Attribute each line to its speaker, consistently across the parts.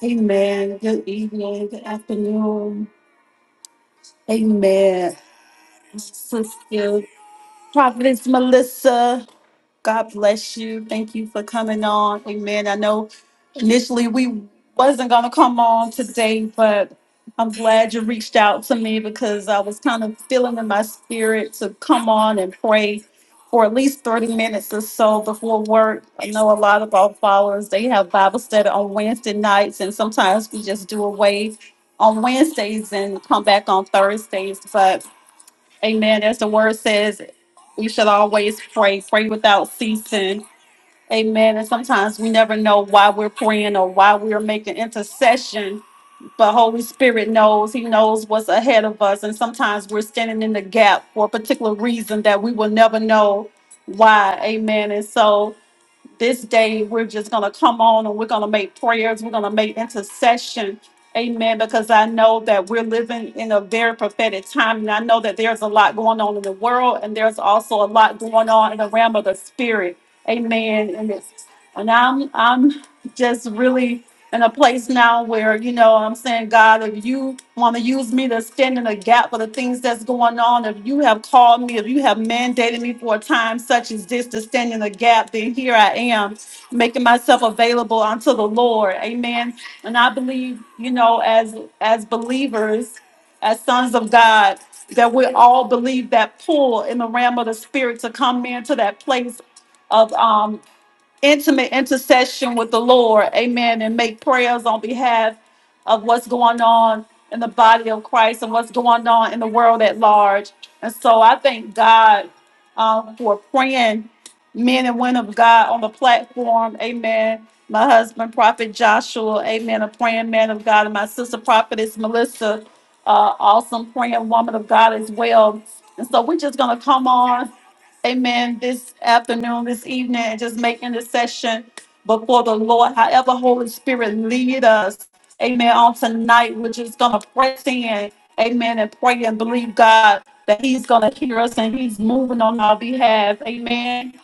Speaker 1: Amen. Good evening, good afternoon. Amen. Sister Providence Melissa. God bless you. Thank you for coming on. Amen. I know initially we wasn't gonna come on today, but I'm glad you reached out to me because I was kind of feeling in my spirit to come on and pray for at least 30 minutes or so before work. I know a lot of our followers, they have Bible study on Wednesday nights, and sometimes we just do away on Wednesdays and come back on Thursdays. But Amen. As the word says, we should always pray, pray without ceasing. Amen. And sometimes we never know why we're praying or why we're making intercession, but Holy Spirit knows. He knows what's ahead of us. And sometimes we're standing in the gap for a particular reason that we will never know why. Amen. And so this day we're just going to come on and we're going to make prayers we're going to make intercession amen because i know that we're living in a very prophetic time and i know that there's a lot going on in the world and there's also a lot going on in the realm of the spirit amen and it's and i'm i'm just really in a place now where you know I'm saying, God, if you want to use me to stand in a gap for the things that's going on, if you have called me, if you have mandated me for a time such as this to stand in a gap, then here I am making myself available unto the Lord. Amen. And I believe, you know, as as believers, as sons of God, that we all believe that pull in the realm of the spirit to come into that place. Of um, intimate intercession with the Lord, amen, and make prayers on behalf of what's going on in the body of Christ and what's going on in the world at large. And so I thank God um, for praying men and women of God on the platform, amen. My husband, Prophet Joshua, amen, a praying man of God, and my sister, Prophetess Melissa, uh, awesome praying woman of God as well. And so we're just going to come on amen, this afternoon, this evening, and just make intercession before the Lord, however Holy Spirit lead us, amen, on tonight, we're just going to press in, amen, and pray and believe God that he's going to hear us and he's moving on our behalf, amen.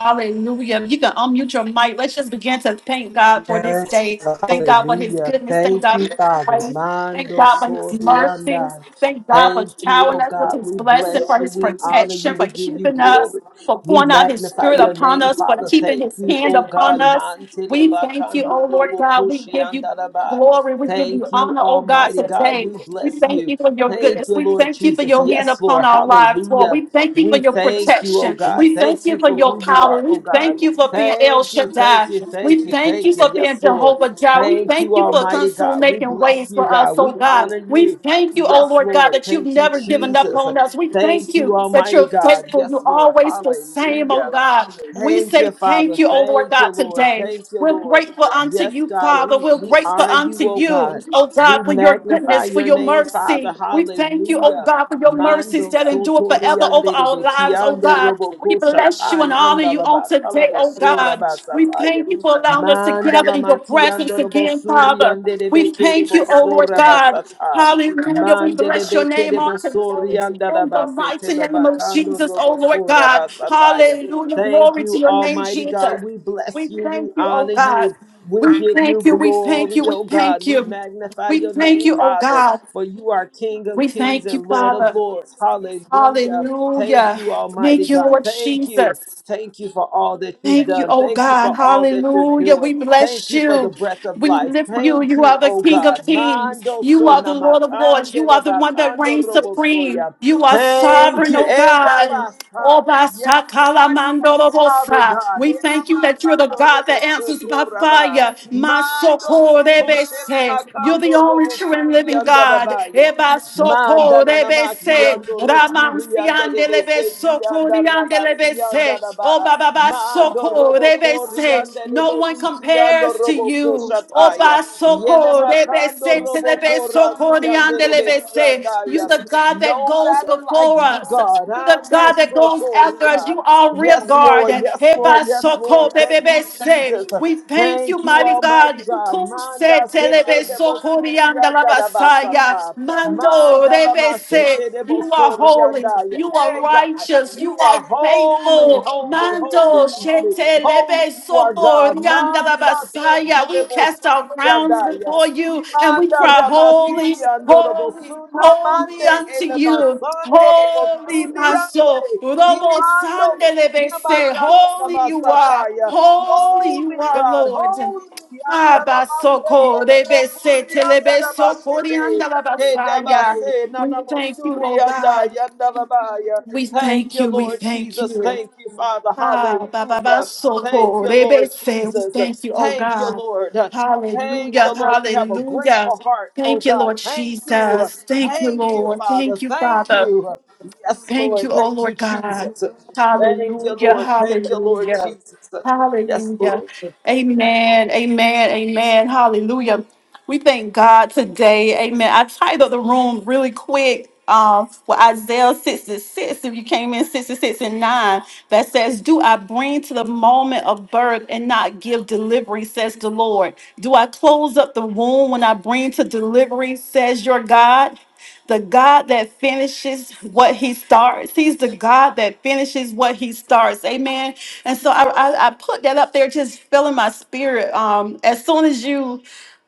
Speaker 1: Hallelujah. You can unmute your mic. Let's just begin to thank God for this
Speaker 2: Yes,
Speaker 1: day. Thank God for his
Speaker 2: hallelujah.
Speaker 1: goodness. Thank
Speaker 2: Thank
Speaker 1: God for
Speaker 2: you,
Speaker 1: his
Speaker 2: Father.
Speaker 1: grace. Thank
Speaker 2: Mando
Speaker 1: God for his mercy.
Speaker 2: sorianda.
Speaker 1: Thank God for
Speaker 2: Thank you, oh
Speaker 1: showering us with
Speaker 2: God.
Speaker 1: his
Speaker 2: We
Speaker 1: blessing,
Speaker 2: bless
Speaker 1: for
Speaker 2: you.
Speaker 1: his
Speaker 2: We honor you.
Speaker 1: protection, for
Speaker 2: We give you
Speaker 1: keeping us,
Speaker 2: glory.
Speaker 1: for
Speaker 2: We
Speaker 1: pouring out his
Speaker 2: magnify
Speaker 1: spirit
Speaker 2: your
Speaker 1: upon
Speaker 2: name,
Speaker 1: us, for
Speaker 2: Father.
Speaker 1: keeping
Speaker 2: Thank
Speaker 1: his
Speaker 2: you,
Speaker 1: hand
Speaker 2: oh
Speaker 1: upon
Speaker 2: God.
Speaker 1: us.
Speaker 2: Mantele
Speaker 1: We thank you, oh
Speaker 2: bakando
Speaker 1: Lord
Speaker 2: robo
Speaker 1: God. We give you
Speaker 2: kushianda raba.
Speaker 1: glory. We give you
Speaker 2: Thank you,
Speaker 1: honor, oh God,
Speaker 2: Almighty God.
Speaker 1: today.
Speaker 2: We
Speaker 1: We
Speaker 2: bless
Speaker 1: thank
Speaker 2: you.
Speaker 1: you for your
Speaker 2: Thank
Speaker 1: goodness.
Speaker 2: you,
Speaker 1: We
Speaker 2: Lord
Speaker 1: thank you for
Speaker 2: Jesus.
Speaker 1: your hand
Speaker 2: Yes,
Speaker 1: upon
Speaker 2: Lord.
Speaker 1: our lives, Lord.
Speaker 2: Hallelujah.
Speaker 1: We thank you for
Speaker 2: We
Speaker 1: your
Speaker 2: thank you, oh
Speaker 1: protection.
Speaker 2: God.
Speaker 1: We thank
Speaker 2: Thank
Speaker 1: you
Speaker 2: you
Speaker 1: for
Speaker 2: for
Speaker 1: your
Speaker 2: who you
Speaker 1: power.
Speaker 2: are, oh
Speaker 1: We
Speaker 2: God.
Speaker 1: thank you for being El
Speaker 2: Thank you, thank
Speaker 1: Shaddai.
Speaker 2: you, thank
Speaker 1: We
Speaker 2: you,
Speaker 1: thank you
Speaker 2: thank you.
Speaker 1: for being
Speaker 2: Yes, Lord.
Speaker 1: Jehovah Jireh. We
Speaker 2: Thank
Speaker 1: thank
Speaker 2: you,
Speaker 1: you for
Speaker 2: Almighty
Speaker 1: constantly
Speaker 2: God. We
Speaker 1: making
Speaker 2: bless
Speaker 1: ways
Speaker 2: you,
Speaker 1: for us,
Speaker 2: God.
Speaker 1: oh
Speaker 2: We
Speaker 1: God.
Speaker 2: honor
Speaker 1: We
Speaker 2: you.
Speaker 1: thank you, oh
Speaker 2: Yes,
Speaker 1: Lord God,
Speaker 2: Lord.
Speaker 1: that you've
Speaker 2: Thank you,
Speaker 1: never given up
Speaker 2: Jesus.
Speaker 1: on us. We thank
Speaker 2: Thank you,
Speaker 1: you that
Speaker 2: Almighty
Speaker 1: you're
Speaker 2: God.
Speaker 1: faithful.
Speaker 2: Yes,
Speaker 1: You're
Speaker 2: Lord.
Speaker 1: always the same,
Speaker 2: Hallelujah.
Speaker 1: oh God. We
Speaker 2: Thank
Speaker 1: say
Speaker 2: you,
Speaker 1: thank
Speaker 2: Father.
Speaker 1: you, oh Lord
Speaker 2: Thank you,
Speaker 1: God,
Speaker 2: Lord.
Speaker 1: today.
Speaker 2: Thank you,
Speaker 1: We're
Speaker 2: Lord.
Speaker 1: grateful unto
Speaker 2: Yes,
Speaker 1: you,
Speaker 2: God,
Speaker 1: Father.
Speaker 2: we,
Speaker 1: We're
Speaker 2: we
Speaker 1: grateful
Speaker 2: honor you,
Speaker 1: unto
Speaker 2: oh God.
Speaker 1: you, oh
Speaker 2: We
Speaker 1: God, for your your
Speaker 2: magnify
Speaker 1: goodness, for
Speaker 2: your
Speaker 1: your
Speaker 2: name, Father.
Speaker 1: mercy. We thank you, oh
Speaker 2: Hallelujah.
Speaker 1: God, for your mercies
Speaker 2: Mando
Speaker 1: that endure forever over
Speaker 2: sotoriande de
Speaker 1: our lives, oh
Speaker 2: bekiando
Speaker 1: God. We
Speaker 2: roboko
Speaker 1: bless you and
Speaker 2: shatai
Speaker 1: honor you on
Speaker 2: andalaba
Speaker 1: today,
Speaker 2: kalabo
Speaker 1: oh God.
Speaker 2: soraba
Speaker 1: We
Speaker 2: sataya.
Speaker 1: thank you for allowing us to gather
Speaker 2: Mandala
Speaker 1: in your presence
Speaker 2: makiando robo
Speaker 1: again, Father.
Speaker 2: suriande de
Speaker 1: We thank
Speaker 2: bekerebo
Speaker 1: you, oh Lord
Speaker 2: soraba
Speaker 1: God.
Speaker 2: sataya.
Speaker 1: Hallelujah. We
Speaker 2: Mandele
Speaker 1: bless your name
Speaker 2: bekerebo
Speaker 1: on today.
Speaker 2: sorianda
Speaker 1: In the
Speaker 2: rabase
Speaker 1: mighty name of
Speaker 2: telebakando
Speaker 1: Jesus, oh
Speaker 2: robo
Speaker 1: Lord God.
Speaker 2: soraba sataya.
Speaker 1: Hallelujah.
Speaker 2: Thank
Speaker 1: Glory to
Speaker 2: you,
Speaker 1: your name,
Speaker 2: Almighty God.
Speaker 1: Jesus.
Speaker 2: We
Speaker 1: We
Speaker 2: bless you.
Speaker 1: thank
Speaker 2: We
Speaker 1: you, oh
Speaker 2: honor
Speaker 1: God.
Speaker 2: you. We
Speaker 1: We
Speaker 2: give you
Speaker 1: thank you. We thank you.
Speaker 2: glory,
Speaker 1: We
Speaker 2: oh
Speaker 1: thank
Speaker 2: God. We
Speaker 1: you.
Speaker 2: magnify
Speaker 1: We
Speaker 2: your
Speaker 1: thank
Speaker 2: name,
Speaker 1: you, oh
Speaker 2: Father,
Speaker 1: God.
Speaker 2: for you are King of
Speaker 1: We
Speaker 2: kings
Speaker 1: thank you,
Speaker 2: and Lord of
Speaker 1: Father.
Speaker 2: lords. Hallelujah. Thank
Speaker 1: Hallelujah.
Speaker 2: you, Almighty
Speaker 1: Thank you,
Speaker 2: God.
Speaker 1: Lord
Speaker 2: Thank you.
Speaker 1: Jesus.
Speaker 2: Thank you for all that you've
Speaker 1: Thank you,
Speaker 2: done.
Speaker 1: oh
Speaker 2: Thank you
Speaker 1: God.
Speaker 2: for all that you're
Speaker 1: Hallelujah. We
Speaker 2: doing. Thank
Speaker 1: bless
Speaker 2: you for the
Speaker 1: you.
Speaker 2: breath of
Speaker 1: We
Speaker 2: life.
Speaker 1: lift you.
Speaker 2: Thank
Speaker 1: You are
Speaker 2: you,
Speaker 1: the
Speaker 2: oh
Speaker 1: King of
Speaker 2: God.
Speaker 1: Kings.
Speaker 2: Mando
Speaker 1: You
Speaker 2: so
Speaker 1: are the Lord of Lords. You
Speaker 2: namakandele
Speaker 1: are the one that
Speaker 2: bakando
Speaker 1: reigns supreme.
Speaker 2: robosoya.
Speaker 1: You are
Speaker 2: Thank
Speaker 1: sovereign,
Speaker 2: you.
Speaker 1: oh God.
Speaker 2: Edabasa.
Speaker 1: Oba
Speaker 2: Yes,
Speaker 1: sakala
Speaker 2: God, you are
Speaker 1: mandoro
Speaker 2: sovereign,
Speaker 1: bosa.
Speaker 2: God.
Speaker 1: We thank you that you're the
Speaker 2: Elamakando
Speaker 1: God that
Speaker 2: robo
Speaker 1: answers by
Speaker 2: soto raba.
Speaker 1: fire.
Speaker 2: Mando soko
Speaker 1: Masokorebese. You're the
Speaker 2: shelamakando
Speaker 1: only
Speaker 2: robo
Speaker 1: true and
Speaker 2: suri
Speaker 1: living God.
Speaker 2: andarabaya.
Speaker 1: Eba
Speaker 2: Manda nanamaki ando rokuri
Speaker 1: sokorebese.
Speaker 2: anda de
Speaker 1: Yandelebe
Speaker 2: beseti
Speaker 1: soko,
Speaker 2: anda
Speaker 1: yandelebe
Speaker 2: rabasi
Speaker 1: se.
Speaker 2: anda
Speaker 1: Oh,
Speaker 2: raba.
Speaker 1: Baba ba
Speaker 2: Mando
Speaker 1: soko,
Speaker 2: robo
Speaker 1: rebe
Speaker 2: kori
Speaker 1: se.
Speaker 2: anda de
Speaker 1: No one
Speaker 2: besiki ando
Speaker 1: compares to
Speaker 2: robo
Speaker 1: you. Oh,
Speaker 2: koshataya.
Speaker 1: ba
Speaker 2: Yele
Speaker 1: soko, rebe
Speaker 2: makando
Speaker 1: se,
Speaker 2: robo
Speaker 1: telebe soko,
Speaker 2: korasi anda de
Speaker 1: yandelebe
Speaker 2: beki
Speaker 1: se. You
Speaker 2: andaya.
Speaker 1: the God that goes
Speaker 2: Nobody like
Speaker 1: before
Speaker 2: you,
Speaker 1: us.
Speaker 2: God.
Speaker 1: You the
Speaker 2: Ando
Speaker 1: God that goes after us.
Speaker 2: sotoria.
Speaker 1: You are real
Speaker 2: Yes,
Speaker 1: guard.
Speaker 2: Lord. Yes,
Speaker 1: Hey,
Speaker 2: Lord.
Speaker 1: ba
Speaker 2: Yes,
Speaker 1: soko,
Speaker 2: Lord. Thank
Speaker 1: bebebe
Speaker 2: you,
Speaker 1: se.
Speaker 2: Jesus.
Speaker 1: We thank you,
Speaker 2: Thank you,
Speaker 1: mighty
Speaker 2: Almighty
Speaker 1: God.
Speaker 2: God. Manda
Speaker 1: Kuse
Speaker 2: seke
Speaker 1: telebe
Speaker 2: debo
Speaker 1: soko,
Speaker 2: surianda
Speaker 1: yandelebe
Speaker 2: da
Speaker 1: saya.
Speaker 2: basata.
Speaker 1: Mando,
Speaker 2: Manda la
Speaker 1: rebe se.
Speaker 2: masheke debo
Speaker 1: You are holy.
Speaker 2: surianda.
Speaker 1: You are
Speaker 2: Hey, God,
Speaker 1: righteous.
Speaker 2: you
Speaker 1: You
Speaker 2: are
Speaker 1: are
Speaker 2: holy,
Speaker 1: faithful.
Speaker 2: holy, holy,
Speaker 1: Mando
Speaker 2: holy.
Speaker 1: shete
Speaker 2: Holy
Speaker 1: lebe
Speaker 2: you are
Speaker 1: soko
Speaker 2: God.
Speaker 1: rianda
Speaker 2: Manda
Speaker 1: babasaya.
Speaker 2: seke
Speaker 1: We
Speaker 2: debo
Speaker 1: cast our crowns
Speaker 2: surianda.
Speaker 1: before you and we
Speaker 2: Imanda
Speaker 1: cry, Holy,
Speaker 2: ramasiki andorobo
Speaker 1: holy,
Speaker 2: suna
Speaker 1: holy
Speaker 2: mande
Speaker 1: unto
Speaker 2: ele
Speaker 1: you.
Speaker 2: masando robo
Speaker 1: Holy, my soul.
Speaker 2: suniande.
Speaker 1: Robo
Speaker 2: Imando
Speaker 1: sande lebe
Speaker 2: funa
Speaker 1: se.
Speaker 2: bayanda da
Speaker 1: Holy you are.
Speaker 2: basataya.
Speaker 1: Holy
Speaker 2: Holy
Speaker 1: you are,
Speaker 2: God,
Speaker 1: Lord.
Speaker 2: holy yanda da basete
Speaker 1: Abasoko,
Speaker 2: da
Speaker 1: rebese,
Speaker 2: bokuri yanda da
Speaker 1: telebesoko,
Speaker 2: basete.
Speaker 1: rianda la
Speaker 2: Hey, da
Speaker 1: basaya.
Speaker 2: na
Speaker 1: We
Speaker 2: na
Speaker 1: thank you,
Speaker 2: mosuri
Speaker 1: oh
Speaker 2: yanda
Speaker 1: God.
Speaker 2: yanda da baya.
Speaker 1: We
Speaker 2: Thank
Speaker 1: thank
Speaker 2: you,
Speaker 1: you. We
Speaker 2: Lord
Speaker 1: thank
Speaker 2: Jesus.
Speaker 1: you.
Speaker 2: Thank you, Father.
Speaker 1: Ah, ba ba ba
Speaker 2: Hallelujah. Thank
Speaker 1: soko
Speaker 2: you, Lord
Speaker 1: rebe se. We
Speaker 2: Jesus.
Speaker 1: thank you, oh
Speaker 2: Thank you,
Speaker 1: God.
Speaker 2: Lord. Thank
Speaker 1: Hallelujah.
Speaker 2: you, Lord. We have a
Speaker 1: Hallelujah.
Speaker 2: grateful heart, oh
Speaker 1: Thank you,
Speaker 2: God.
Speaker 1: Lord
Speaker 2: Thank you.
Speaker 1: Jesus. Thank you,
Speaker 2: Thank you,
Speaker 1: Lord.
Speaker 2: Father.
Speaker 1: Thank you,
Speaker 2: Thank
Speaker 1: Father.
Speaker 2: you. Yes,
Speaker 1: Thank
Speaker 2: Lord.
Speaker 1: you, oh
Speaker 2: Thank you,
Speaker 1: Lord God.
Speaker 2: Jesus. Thank you,
Speaker 1: Hallelujah.
Speaker 2: Lord. Thank you, Lord
Speaker 1: Hallelujah.
Speaker 2: Jesus. Yes,
Speaker 1: Hallelujah.
Speaker 2: Lord.
Speaker 1: Amen. Amen. Amen. Hallelujah. We thank God today. Amen. I titled the room really quick um, with Isaiah 6 and 6. If you came in 6 and 6 and 9, that says, Do I bring to the moment of birth and not give delivery, says the Lord? Do I close up the womb when I bring to delivery, says your God? The God that finishes what he starts. He's the God that finishes what he starts. Amen. And so I, I, I put that up there, just filling my spirit. Um, as soon as you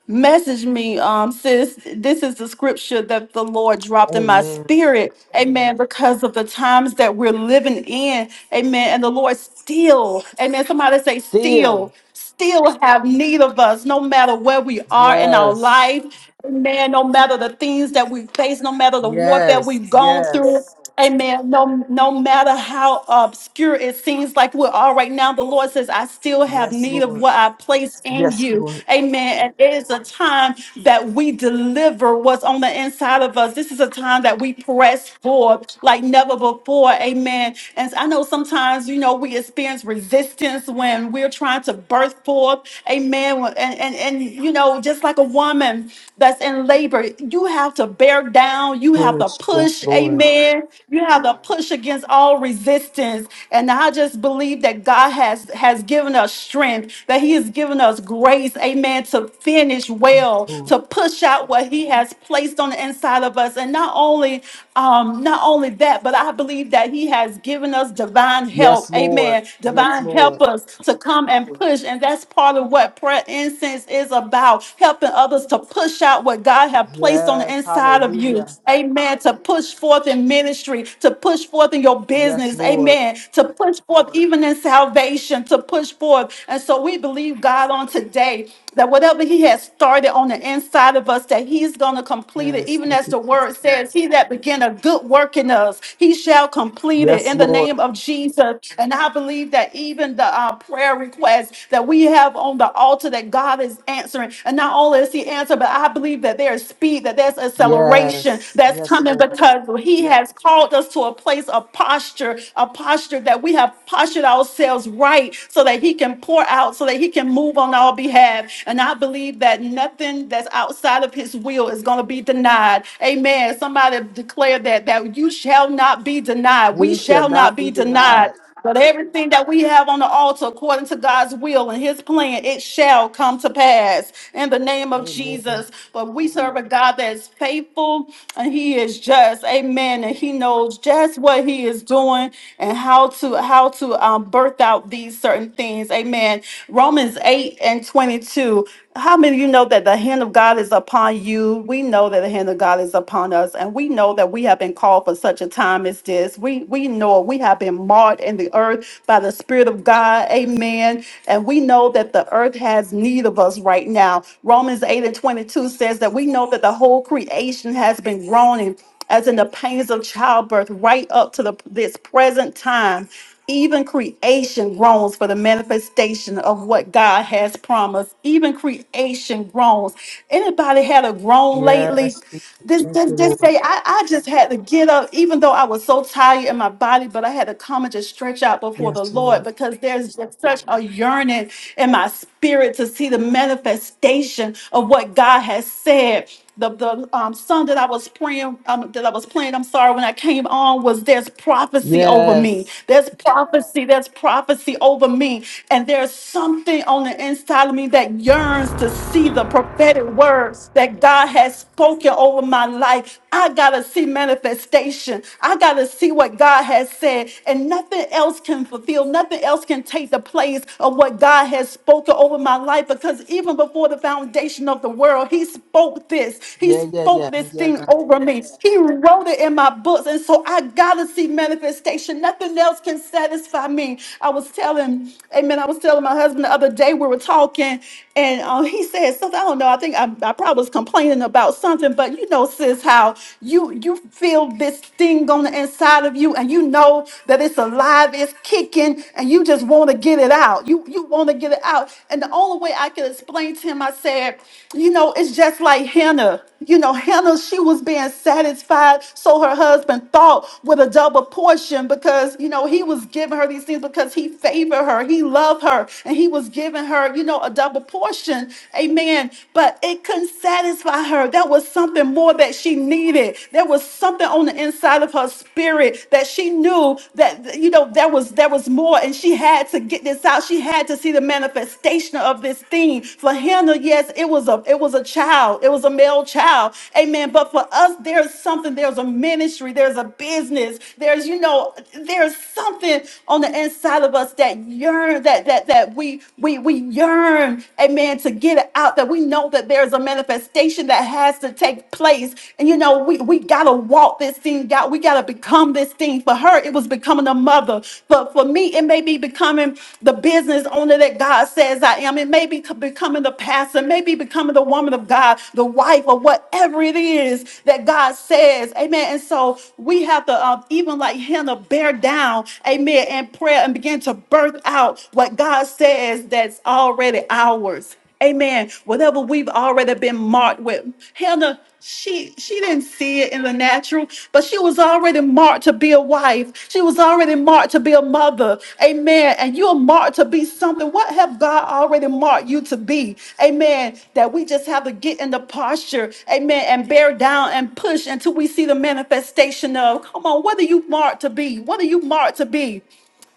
Speaker 1: message me, um, sis. This is the scripture that the Lord dropped in my
Speaker 2: Amen.
Speaker 1: spirit. Amen. Because of the times that we're living in. Amen. And the Lord still, amen. Somebody say, still,
Speaker 2: Still.
Speaker 1: still have need of us, no matter where we are in our
Speaker 2: Yes.
Speaker 1: life. Amen. No matter the things that we face, no matter the warfare
Speaker 2: Yes.
Speaker 1: we've gone through.
Speaker 2: Yes.
Speaker 1: Amen. No, no matter how obscure it seems like we are right now, the Lord says, I still have
Speaker 2: Yes,
Speaker 1: need of
Speaker 2: Lord.
Speaker 1: what I placed in
Speaker 2: Yes,
Speaker 1: you.
Speaker 2: Lord.
Speaker 1: Amen. And it is a time that we deliver what's on the inside of us. This is a time that we press forward like never before. Amen. And I know sometimes, you know, we experience resistance when we're trying to birth forth. Amen. And, and, and you know, just like a woman that's in labor, you have to bear down down. You have to
Speaker 2: Push. Yes,
Speaker 1: push.
Speaker 2: Lord.
Speaker 1: Amen. You have to push against all resistance. And I just believe that God has has given us strength, that He has given us grace. Amen. To finish
Speaker 2: Yes,
Speaker 1: well,
Speaker 2: Lord.
Speaker 1: to push out what He has placed on the inside of us. And not only um, not only that, but I believe that He has given us divine help.
Speaker 2: Yes, Lord.
Speaker 1: Amen.
Speaker 2: Yes,
Speaker 1: Divine help
Speaker 2: Lord.
Speaker 1: us to come and push. And that's part of what prayer incense is about, helping others to push out out what God have placed on the
Speaker 2: Yes.
Speaker 1: inside of you.
Speaker 2: Hallelujah.
Speaker 1: Amen. To push forth in ministry, to push forth in your
Speaker 2: Yes,
Speaker 1: business.
Speaker 2: Lord.
Speaker 1: Amen. To push forth even in salvation, to push forth. And so we believe God on today that whatever he has started on the inside of us, that he's going to complete it.
Speaker 2: Yes.
Speaker 1: Even
Speaker 2: Thank
Speaker 1: as
Speaker 2: you.
Speaker 1: the word says, he that began a good work in us, he shall complete it
Speaker 2: Yes,
Speaker 1: in the name
Speaker 2: Lord.
Speaker 1: of Jesus. And I believe that even the uh, prayer requests that we have on the altar that God is answering. And not only is he answering, but I believe that there's speed, that there's acceleration
Speaker 2: Yes.
Speaker 1: that's
Speaker 2: Yes,
Speaker 1: coming
Speaker 2: Lord.
Speaker 1: because he has called us to a place of posture, a posture that we have postured ourselves right so that he can pour out, so that he can move on our behalf. And I believe that nothing that's outside of his will is going to be denied. Amen. Somebody declare that, that you shall not be denied. We
Speaker 2: We shall
Speaker 1: shall not
Speaker 2: not be
Speaker 1: be
Speaker 2: denied.
Speaker 1: denied. But everything that we have on the altar, according to God's will and his plan, it shall come to pass in the name of
Speaker 2: Amen.
Speaker 1: Jesus. But we serve a God that is faithful and he is just. Amen. And he knows just what he is doing and how to how to um, birth out these certain things. Amen. Romans 8 and 22. How many of you know that the hand of God is upon you? We know that the hand of God is upon us, and we know that we have been called for such a time as this. We we we know we have been marred in the earth by the Spirit of God. Amen. And we know that the earth has need of us right now. Romans 8 and 22 says that we know that the whole creation has been groaning as in the pains of childbirth right up to the, this present time. Even creation groans for the manifestation of what God has promised. Even creation groans. Anybody had a groan lately?
Speaker 2: Yes, Jesus.
Speaker 1: this
Speaker 2: Thank
Speaker 1: this
Speaker 2: you,
Speaker 1: this
Speaker 2: Lord.
Speaker 1: day I, I just had to get up even though i was so tired in my body but i had to come and just stretch out before the
Speaker 2: Yes,
Speaker 1: lord
Speaker 2: Lord.
Speaker 1: because there's just such a yearning in my spirit to see the manifestation of what god has said the, the um, song that I was praying, um, that I was playing, I'm sorry, when I came on was there's prophecy over me.
Speaker 2: Yes.
Speaker 1: There's prophecy, there's prophecy over me. And there's something on the inside of me that yearns to see the prophetic words that that God has spoken over my life. I got to see manifestation. I got to see what God has said. And nothing else can fulfill, nothing else can take the place of what God has spoken over my life because even before the foundation of the world, He spoke this. He
Speaker 2: Yeah,
Speaker 1: spoke
Speaker 2: yeah,
Speaker 1: spoke
Speaker 2: yeah.
Speaker 1: this
Speaker 2: Yeah,
Speaker 1: thing
Speaker 2: God.
Speaker 1: over me. He wrote it in my books. And so I gotta see manifestation. Nothing else can satisfy me. I was telling, amen, I was telling my husband the other day, we were talking, and uh, he said something. I don't know. I think I, I probably was complaining about something, but you know, sis, how you you feel this thing on the inside of you, and you know that it's alive, it's kicking, and you just want to get it out. You you want to get it out. And the only way I could explain to him, I said, you know, it's just like Hannah. You know, Hannah, she was being satisfied, so her husband thought with a double portion because, you know, he was giving her these things because he favored her, he loved her, and he was giving her, you know, a double portion. Amen. But it couldn't satisfy her. There was something more that she needed. There was something on the inside of her spirit that she knew that that you know there was there was more and she had to get this out she had to see the manifestation of this thing for hannah yes it was a it was a child it was a male child amen but for us there's something there's a ministry there's a business there's you know there's something on the inside of us that yearn that that that we we we yearn amen to get it out that we know that there's a manifestation that has to take place and you you know, we, we gotta walk this thing out. We gotta become this thing. For her, it was becoming a mother. For for me, it may be becoming the business owner that God says I am. It may be co- becoming the pastor, It may be becoming the woman of God, the wife, or whatever it is that God says. Amen. And so we have to uh, even like Hannah bear down, amen, in prayer and begin to birth out what God says that's already ours. Amen. Whatever we've already been marked with. Hannah, she she didn't see it in the natural, but she was already marked to be a wife. She was already marked to be a mother. Amen. And you're marked to be something. What have God already marked you to be? Amen. That we just have to get in the posture. Amen. And bear down and push until we see the manifestation of. Come on, what are you marked to be? What are you marked to be?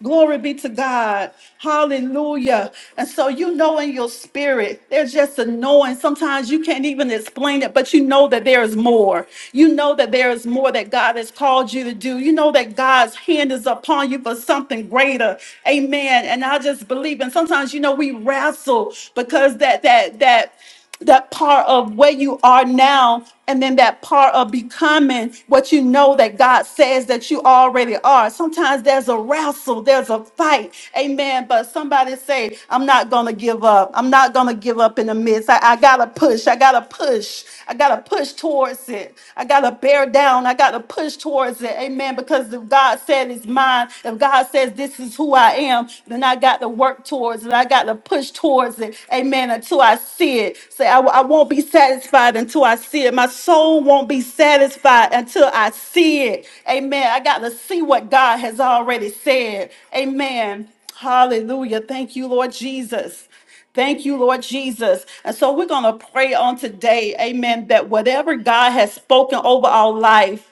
Speaker 1: Glory be to God. Hallelujah. And so you know in your spirit, there's just a knowing. Sometimes you can't even explain it, but you know that there is more. You know that there is more that God has called you to do. You know that God's hand is upon you for something greater. Amen. And I just believe. And sometimes you know we wrestle because that that that that part of where you are now and then that part of becoming what you know that God says that you already are. Sometimes there's a wrestle, there's a fight. Amen. But somebody say, I'm not going to give up. I'm not going to give up in the midst. I, I got to push. I got to push. I got to push towards it. I got to bear down. I got to push towards it. Amen. Because if God said it's mine, if God says this is who I am, am, then I got to work towards it. I got to push towards it. Amen. Until I see it. Say, I, I won't be satisfied until I see it. My soul won't be satisfied until I see it. Amen. I got to see what God has already said. Amen. Hallelujah. Thank you, Lord Jesus. Thank you, Lord Jesus. And so we're going to pray on today, amen, that whatever God has spoken over our life,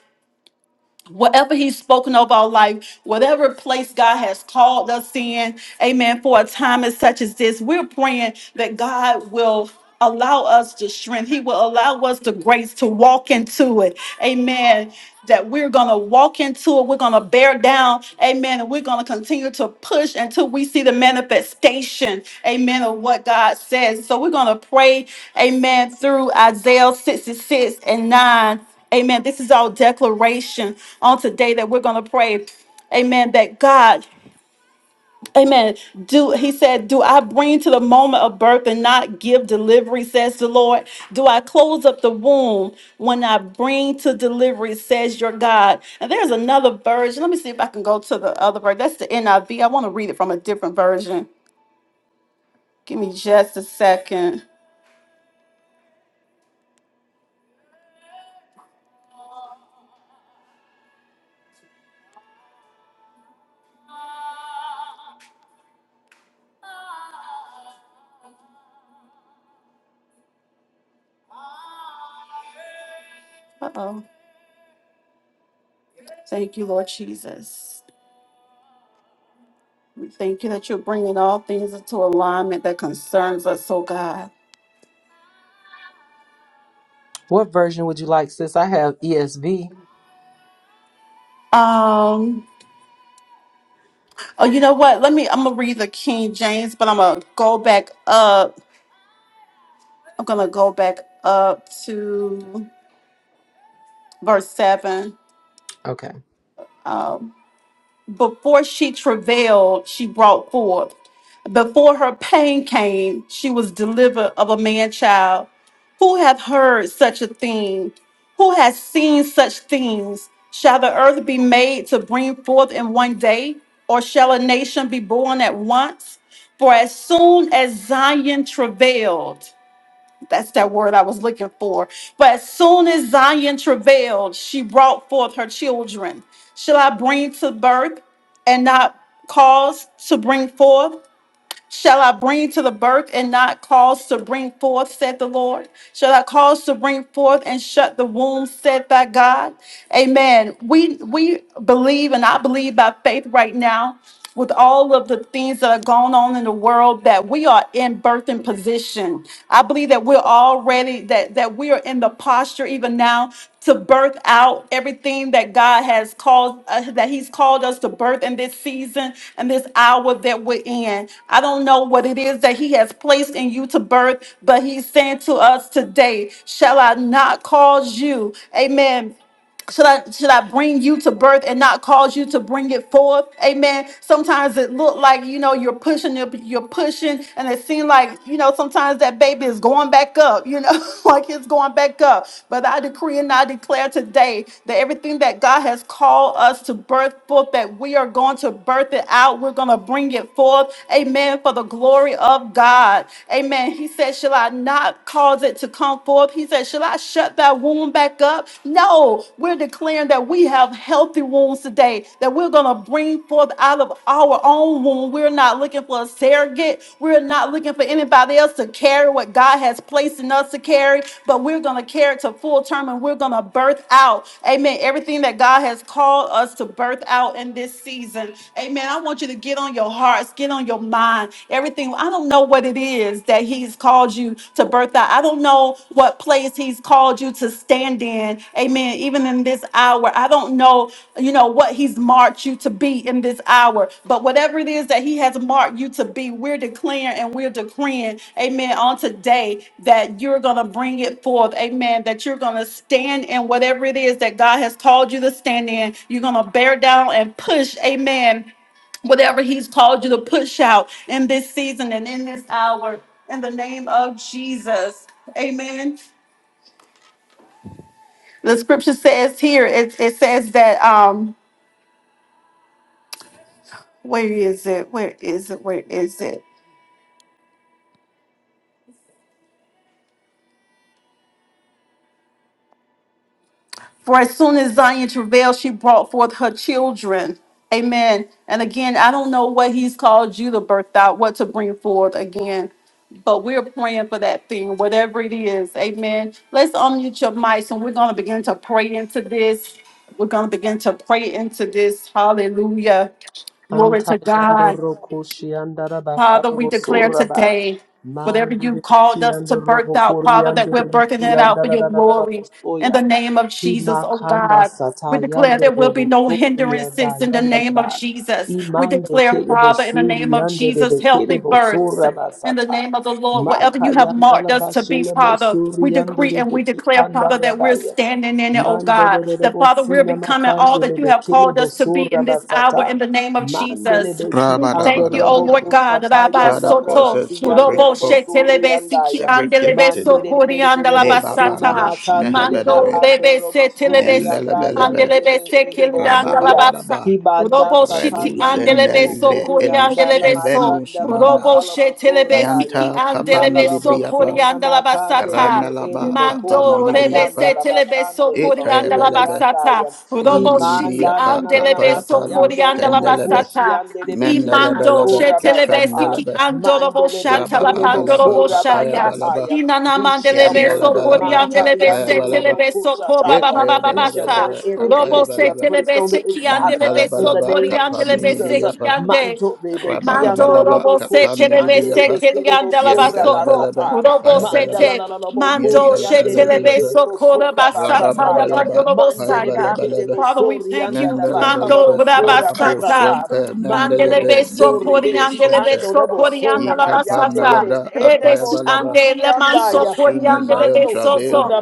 Speaker 1: whatever he's spoken over our life, whatever place God has called us in, amen, for a time as such as this, we're praying that God will allow us to strength. He will allow us the grace to walk into it. Amen. That we're going to walk into it. We're going to bear down. Amen. And we're going to continue to push until we see the manifestation. Amen. Of what God says. So we're going to pray. Amen. Through Isaiah 66 and 9. Amen. This is our declaration on today that we're going to pray. Amen. That God, amen. Do he said, Do I bring to the moment of birth and not give delivery, says the Lord? Do I close up the womb when I bring to delivery, says your God? And there's another version. Let me see if I can go to the other version. That's the NIV. I V. I want to read it from a different version. Give me just a second. Uh oh. Thank you, Lord Jesus. Thank you that you're bringing all things into alignment that concerns us, oh God.
Speaker 2: What version would you like, sis? I have ESV.
Speaker 1: Um, oh, you know what? Let me, I'm going to read the King James, but I'm going to go back up. I'm going to go back up to verse 7.
Speaker 2: Okay.
Speaker 1: Um, before she travailed, she brought forth. Before her pain came, she was delivered of a man child. Who hath heard such a thing? Who has seen such things? Shall the earth be made to bring forth in one day, or shall a nation be born at once? For as soon as Zion travailed, that's that word I was looking for. But as soon as Zion travailed, she brought forth her children. Shall I bring to birth and not cause to bring forth? Shall I bring to the birth and not cause to bring forth, said the Lord? Shall I cause to bring forth and shut the womb, said thy God? Amen. We we believe and I believe by faith right now, with all of the things that are going on in the world, that we are in birthing position. I believe that we're already that that we are in the posture even now to birth out everything that God has called, uh, that He's called us to birth in this season and this hour that we're in. I don't know what it is that He has placed in you to birth, but He's saying to us today, Shall I not cause you? Amen. Should I should I bring you to birth and not cause you to bring it forth? Amen. Sometimes it look like you know you're pushing, you're, you're pushing, and it seems like you know sometimes that baby is going back up. You know, like it's going back up. But I decree and I declare today that everything that God has called us to birth forth, that we are going to birth it out. We're going to bring it forth. Amen. For the glory of God. Amen. He said, "Shall I not cause it to come?" bound forth. He said, "Should I shut that wound back up? No, we're declaring that we have healthy wounds today, that we're going to bring forth out of our own womb. We're not looking for a surrogate. We're not looking for anybody else to carry what God has placed in us to carry, but we're going to carry it to full term and we're going to birth out, amen, everything that God has called us to birth out in this season. Amen. I want you to get on your hearts, get on your mind, everything. I don't don't know what it is that He's called you to birth out. I don't know what place He's called you to stand in. Amen. Even in this hour, I don't know, you know, what He's marked you to be in this hour. But whatever it is that He has marked you to be, we're declaring and we're decreeing, amen, on today that you're going to bring it forth. Amen. That you're going to stand in whatever it is that God has called you to stand in. You're going to bear down and push, amen whatever he's called you to push out in this season and in this hour in the name of jesus amen the scripture says here it, it says that um where is it where is it where is it For as soon as Zion travailed, she brought forth her children. Amen. And again, I don't know what he's called you to birth out, what to bring forth again, but we're praying for that thing, whatever it is. Amen. Let's unmute your mics and we're going to begin to pray into this. We're going to begin to pray into this. Hallelujah. Glory to God.
Speaker 2: Antayandoro Koshiandara
Speaker 1: Father, we
Speaker 2: Bakarabo
Speaker 1: declare
Speaker 2: Soraba
Speaker 1: today, whatever you
Speaker 2: Mandiri
Speaker 1: called us to
Speaker 2: Kiandoro
Speaker 1: birth out, Father, that we're
Speaker 2: Koriandiri
Speaker 1: birthing it out for your
Speaker 2: Kiandara
Speaker 1: glory. In
Speaker 2: Soya
Speaker 1: the name of Jesus, oh
Speaker 2: Imakanda
Speaker 1: God. We declare
Speaker 2: Satayando
Speaker 1: there will be
Speaker 2: Robo
Speaker 1: no
Speaker 2: Sorianda
Speaker 1: hindrances in the name of
Speaker 2: Yandalaba
Speaker 1: Jesus. We
Speaker 2: Imande
Speaker 1: declare,
Speaker 2: Kedebo
Speaker 1: Father, in the name of
Speaker 2: Suriande de
Speaker 1: Jesus, healthy
Speaker 2: Kedebo
Speaker 1: births.
Speaker 2: Soraba
Speaker 1: In the
Speaker 2: Sata
Speaker 1: name of the Lord, whatever
Speaker 2: Maka
Speaker 1: you have marked us
Speaker 2: Yandalaba
Speaker 1: to be,
Speaker 2: Shelemo
Speaker 1: Father, we
Speaker 2: Suriande
Speaker 1: decree
Speaker 2: de
Speaker 1: and we declare, Father, that we're
Speaker 2: Beki
Speaker 1: standing in it, oh
Speaker 2: Mandele
Speaker 1: God. That, Father, Lord, we're
Speaker 2: bosina
Speaker 1: becoming all
Speaker 2: makandele
Speaker 1: that you have
Speaker 2: bekele
Speaker 1: called us to be
Speaker 2: bosura
Speaker 1: in this hour
Speaker 2: basata.
Speaker 1: in the name of
Speaker 2: Mandele
Speaker 1: Jesus.
Speaker 2: beki
Speaker 1: We
Speaker 2: ando
Speaker 1: thank you, oh Lord
Speaker 3: Rabadabadabadaba.
Speaker 1: God.
Speaker 2: kuchata
Speaker 1: Rabba
Speaker 2: yanda
Speaker 3: Father, cause
Speaker 1: Soto,
Speaker 2: rabasi
Speaker 3: us to bring
Speaker 1: Robo
Speaker 3: forth
Speaker 2: suri
Speaker 1: Shetelebe Siki
Speaker 2: andaya.
Speaker 3: every
Speaker 1: Andelebe
Speaker 3: gifting.
Speaker 2: Mandele
Speaker 1: Sokori
Speaker 3: Nebaba
Speaker 2: bosuna
Speaker 1: Andalabasata,
Speaker 3: nush
Speaker 2: makandele ma
Speaker 1: Mando
Speaker 3: mehebedebe.
Speaker 2: ando
Speaker 1: Lebe Setelebe
Speaker 2: suri andaya
Speaker 3: Mendelebelebe.
Speaker 2: ndele
Speaker 1: Andelebe
Speaker 2: be ede bosoya.
Speaker 1: Sekili
Speaker 3: Rababadadaba.
Speaker 2: Hibanda
Speaker 1: Robo
Speaker 2: sata
Speaker 1: shiti
Speaker 2: yando
Speaker 3: Reduzene
Speaker 1: andelebeso
Speaker 3: livre
Speaker 2: kuri
Speaker 1: kori
Speaker 3: elus
Speaker 2: yanda
Speaker 1: andelebeso.
Speaker 3: kevenus
Speaker 2: mashanda la
Speaker 3: manda.
Speaker 1: Robo
Speaker 2: bakala bosura
Speaker 1: shetelebe
Speaker 2: baya.
Speaker 1: siki
Speaker 3: Yanta kapa
Speaker 2: La la la
Speaker 1: andelebeso kori
Speaker 3: nidibriapa.
Speaker 2: bosona makandele
Speaker 1: andalabasata.
Speaker 2: be ele
Speaker 3: Ranalaba kapa
Speaker 2: bokona
Speaker 1: Mando rebe
Speaker 2: mayanda
Speaker 3: nidibriapa.
Speaker 1: se
Speaker 2: la
Speaker 1: setelebeso
Speaker 2: bakandele
Speaker 1: kori
Speaker 2: bakuri
Speaker 3: Etayebelebe.
Speaker 2: anda
Speaker 1: andalabasata.
Speaker 2: ya
Speaker 1: Robo shiti
Speaker 2: imanda na
Speaker 3: Mandidibriapa
Speaker 2: na na na
Speaker 1: andelebeso
Speaker 3: kapayapa
Speaker 2: masi
Speaker 1: kori
Speaker 3: lus
Speaker 2: ando robo
Speaker 3: tendelebe.
Speaker 2: kushi
Speaker 1: andalabasata.
Speaker 2: andele be kele
Speaker 1: Imando
Speaker 3: Mendelebelebe
Speaker 2: bosora
Speaker 1: shetelebe
Speaker 2: basata
Speaker 1: siki
Speaker 3: kependelebe.
Speaker 1: andorobo
Speaker 2: mandele be kele
Speaker 3: Rababadalaba
Speaker 1: shatalapandorobo
Speaker 2: bosora
Speaker 3: Kapaya
Speaker 1: shaya.
Speaker 2: basata
Speaker 3: Balaba
Speaker 2: ya
Speaker 1: Inana
Speaker 2: we shall
Speaker 1: mandelebe so
Speaker 2: birth it
Speaker 3: Yandalabalaba
Speaker 2: manta
Speaker 1: oriandelebe
Speaker 3: Kapaya
Speaker 2: yando
Speaker 1: se
Speaker 3: Balaba
Speaker 2: robo
Speaker 1: telebe so ko ba
Speaker 2: kushata
Speaker 1: ba
Speaker 2: ya
Speaker 1: ba ba
Speaker 3: Yetaya
Speaker 1: ba
Speaker 2: we
Speaker 1: ba
Speaker 2: shall
Speaker 1: sa.
Speaker 2: birth
Speaker 3: Balabalaba
Speaker 2: everything
Speaker 1: Robo
Speaker 3: Kapaya
Speaker 2: that you
Speaker 1: se
Speaker 2: have
Speaker 3: Balaba
Speaker 2: placed
Speaker 1: telebe
Speaker 2: on the
Speaker 1: se
Speaker 2: inside of us
Speaker 1: kiandelebe
Speaker 2: in
Speaker 1: so
Speaker 2: the
Speaker 3: Yantalabalaba
Speaker 2: name of
Speaker 3: Kapan
Speaker 1: oriandelebe se
Speaker 2: Jesus
Speaker 3: Nidibriyapa
Speaker 1: kiande.
Speaker 2: manto rebe
Speaker 1: Mando
Speaker 3: Rabalabalaba
Speaker 1: robo
Speaker 2: robo
Speaker 1: se
Speaker 3: Kapan
Speaker 2: koshi
Speaker 1: telebe
Speaker 2: ande de
Speaker 1: se
Speaker 3: Nidibriyapa
Speaker 1: kiliandela
Speaker 2: sora
Speaker 1: basoko.
Speaker 3: Yantalabalaba
Speaker 2: basata.
Speaker 1: Robo
Speaker 3: Kapaya
Speaker 1: se
Speaker 3: Balaba
Speaker 2: Mandala bokori
Speaker 1: te
Speaker 2: la la bo
Speaker 1: mando she telebe
Speaker 3: Yantalabalaba
Speaker 1: so kora
Speaker 2: sora
Speaker 1: basata
Speaker 2: basata
Speaker 1: ya
Speaker 2: ya.
Speaker 1: mando
Speaker 3: Rababadalaba
Speaker 1: robo
Speaker 2: Mande
Speaker 3: Kapaya
Speaker 2: de
Speaker 1: saya.
Speaker 2: bekere
Speaker 3: Balabalaba
Speaker 1: Father, we
Speaker 2: sori
Speaker 1: thank
Speaker 2: anda
Speaker 1: you.
Speaker 2: da bakala
Speaker 1: Mando
Speaker 2: bo
Speaker 3: Mandalabalaba
Speaker 2: sora
Speaker 3: Rababo
Speaker 1: rabasata.
Speaker 2: basata.
Speaker 3: Shanta
Speaker 2: Mando
Speaker 1: Mandelebe
Speaker 2: robo
Speaker 3: Mandalebe
Speaker 1: so
Speaker 2: sori
Speaker 3: Mandidibro
Speaker 2: beki
Speaker 1: oriandelebe
Speaker 3: Shanta
Speaker 2: ando robo sona
Speaker 1: so
Speaker 3: Yikapan
Speaker 2: mayande de
Speaker 1: basata.
Speaker 2: be
Speaker 3: Nalabra
Speaker 2: ede
Speaker 3: Apaya
Speaker 1: Rebesi
Speaker 2: bo
Speaker 3: Balaba
Speaker 1: ande
Speaker 2: suri
Speaker 1: le
Speaker 2: anda
Speaker 1: manso
Speaker 3: As soon as
Speaker 1: coriande le
Speaker 3: Zion
Speaker 2: Himando
Speaker 3: travailed,
Speaker 1: besoso.
Speaker 2: sukuda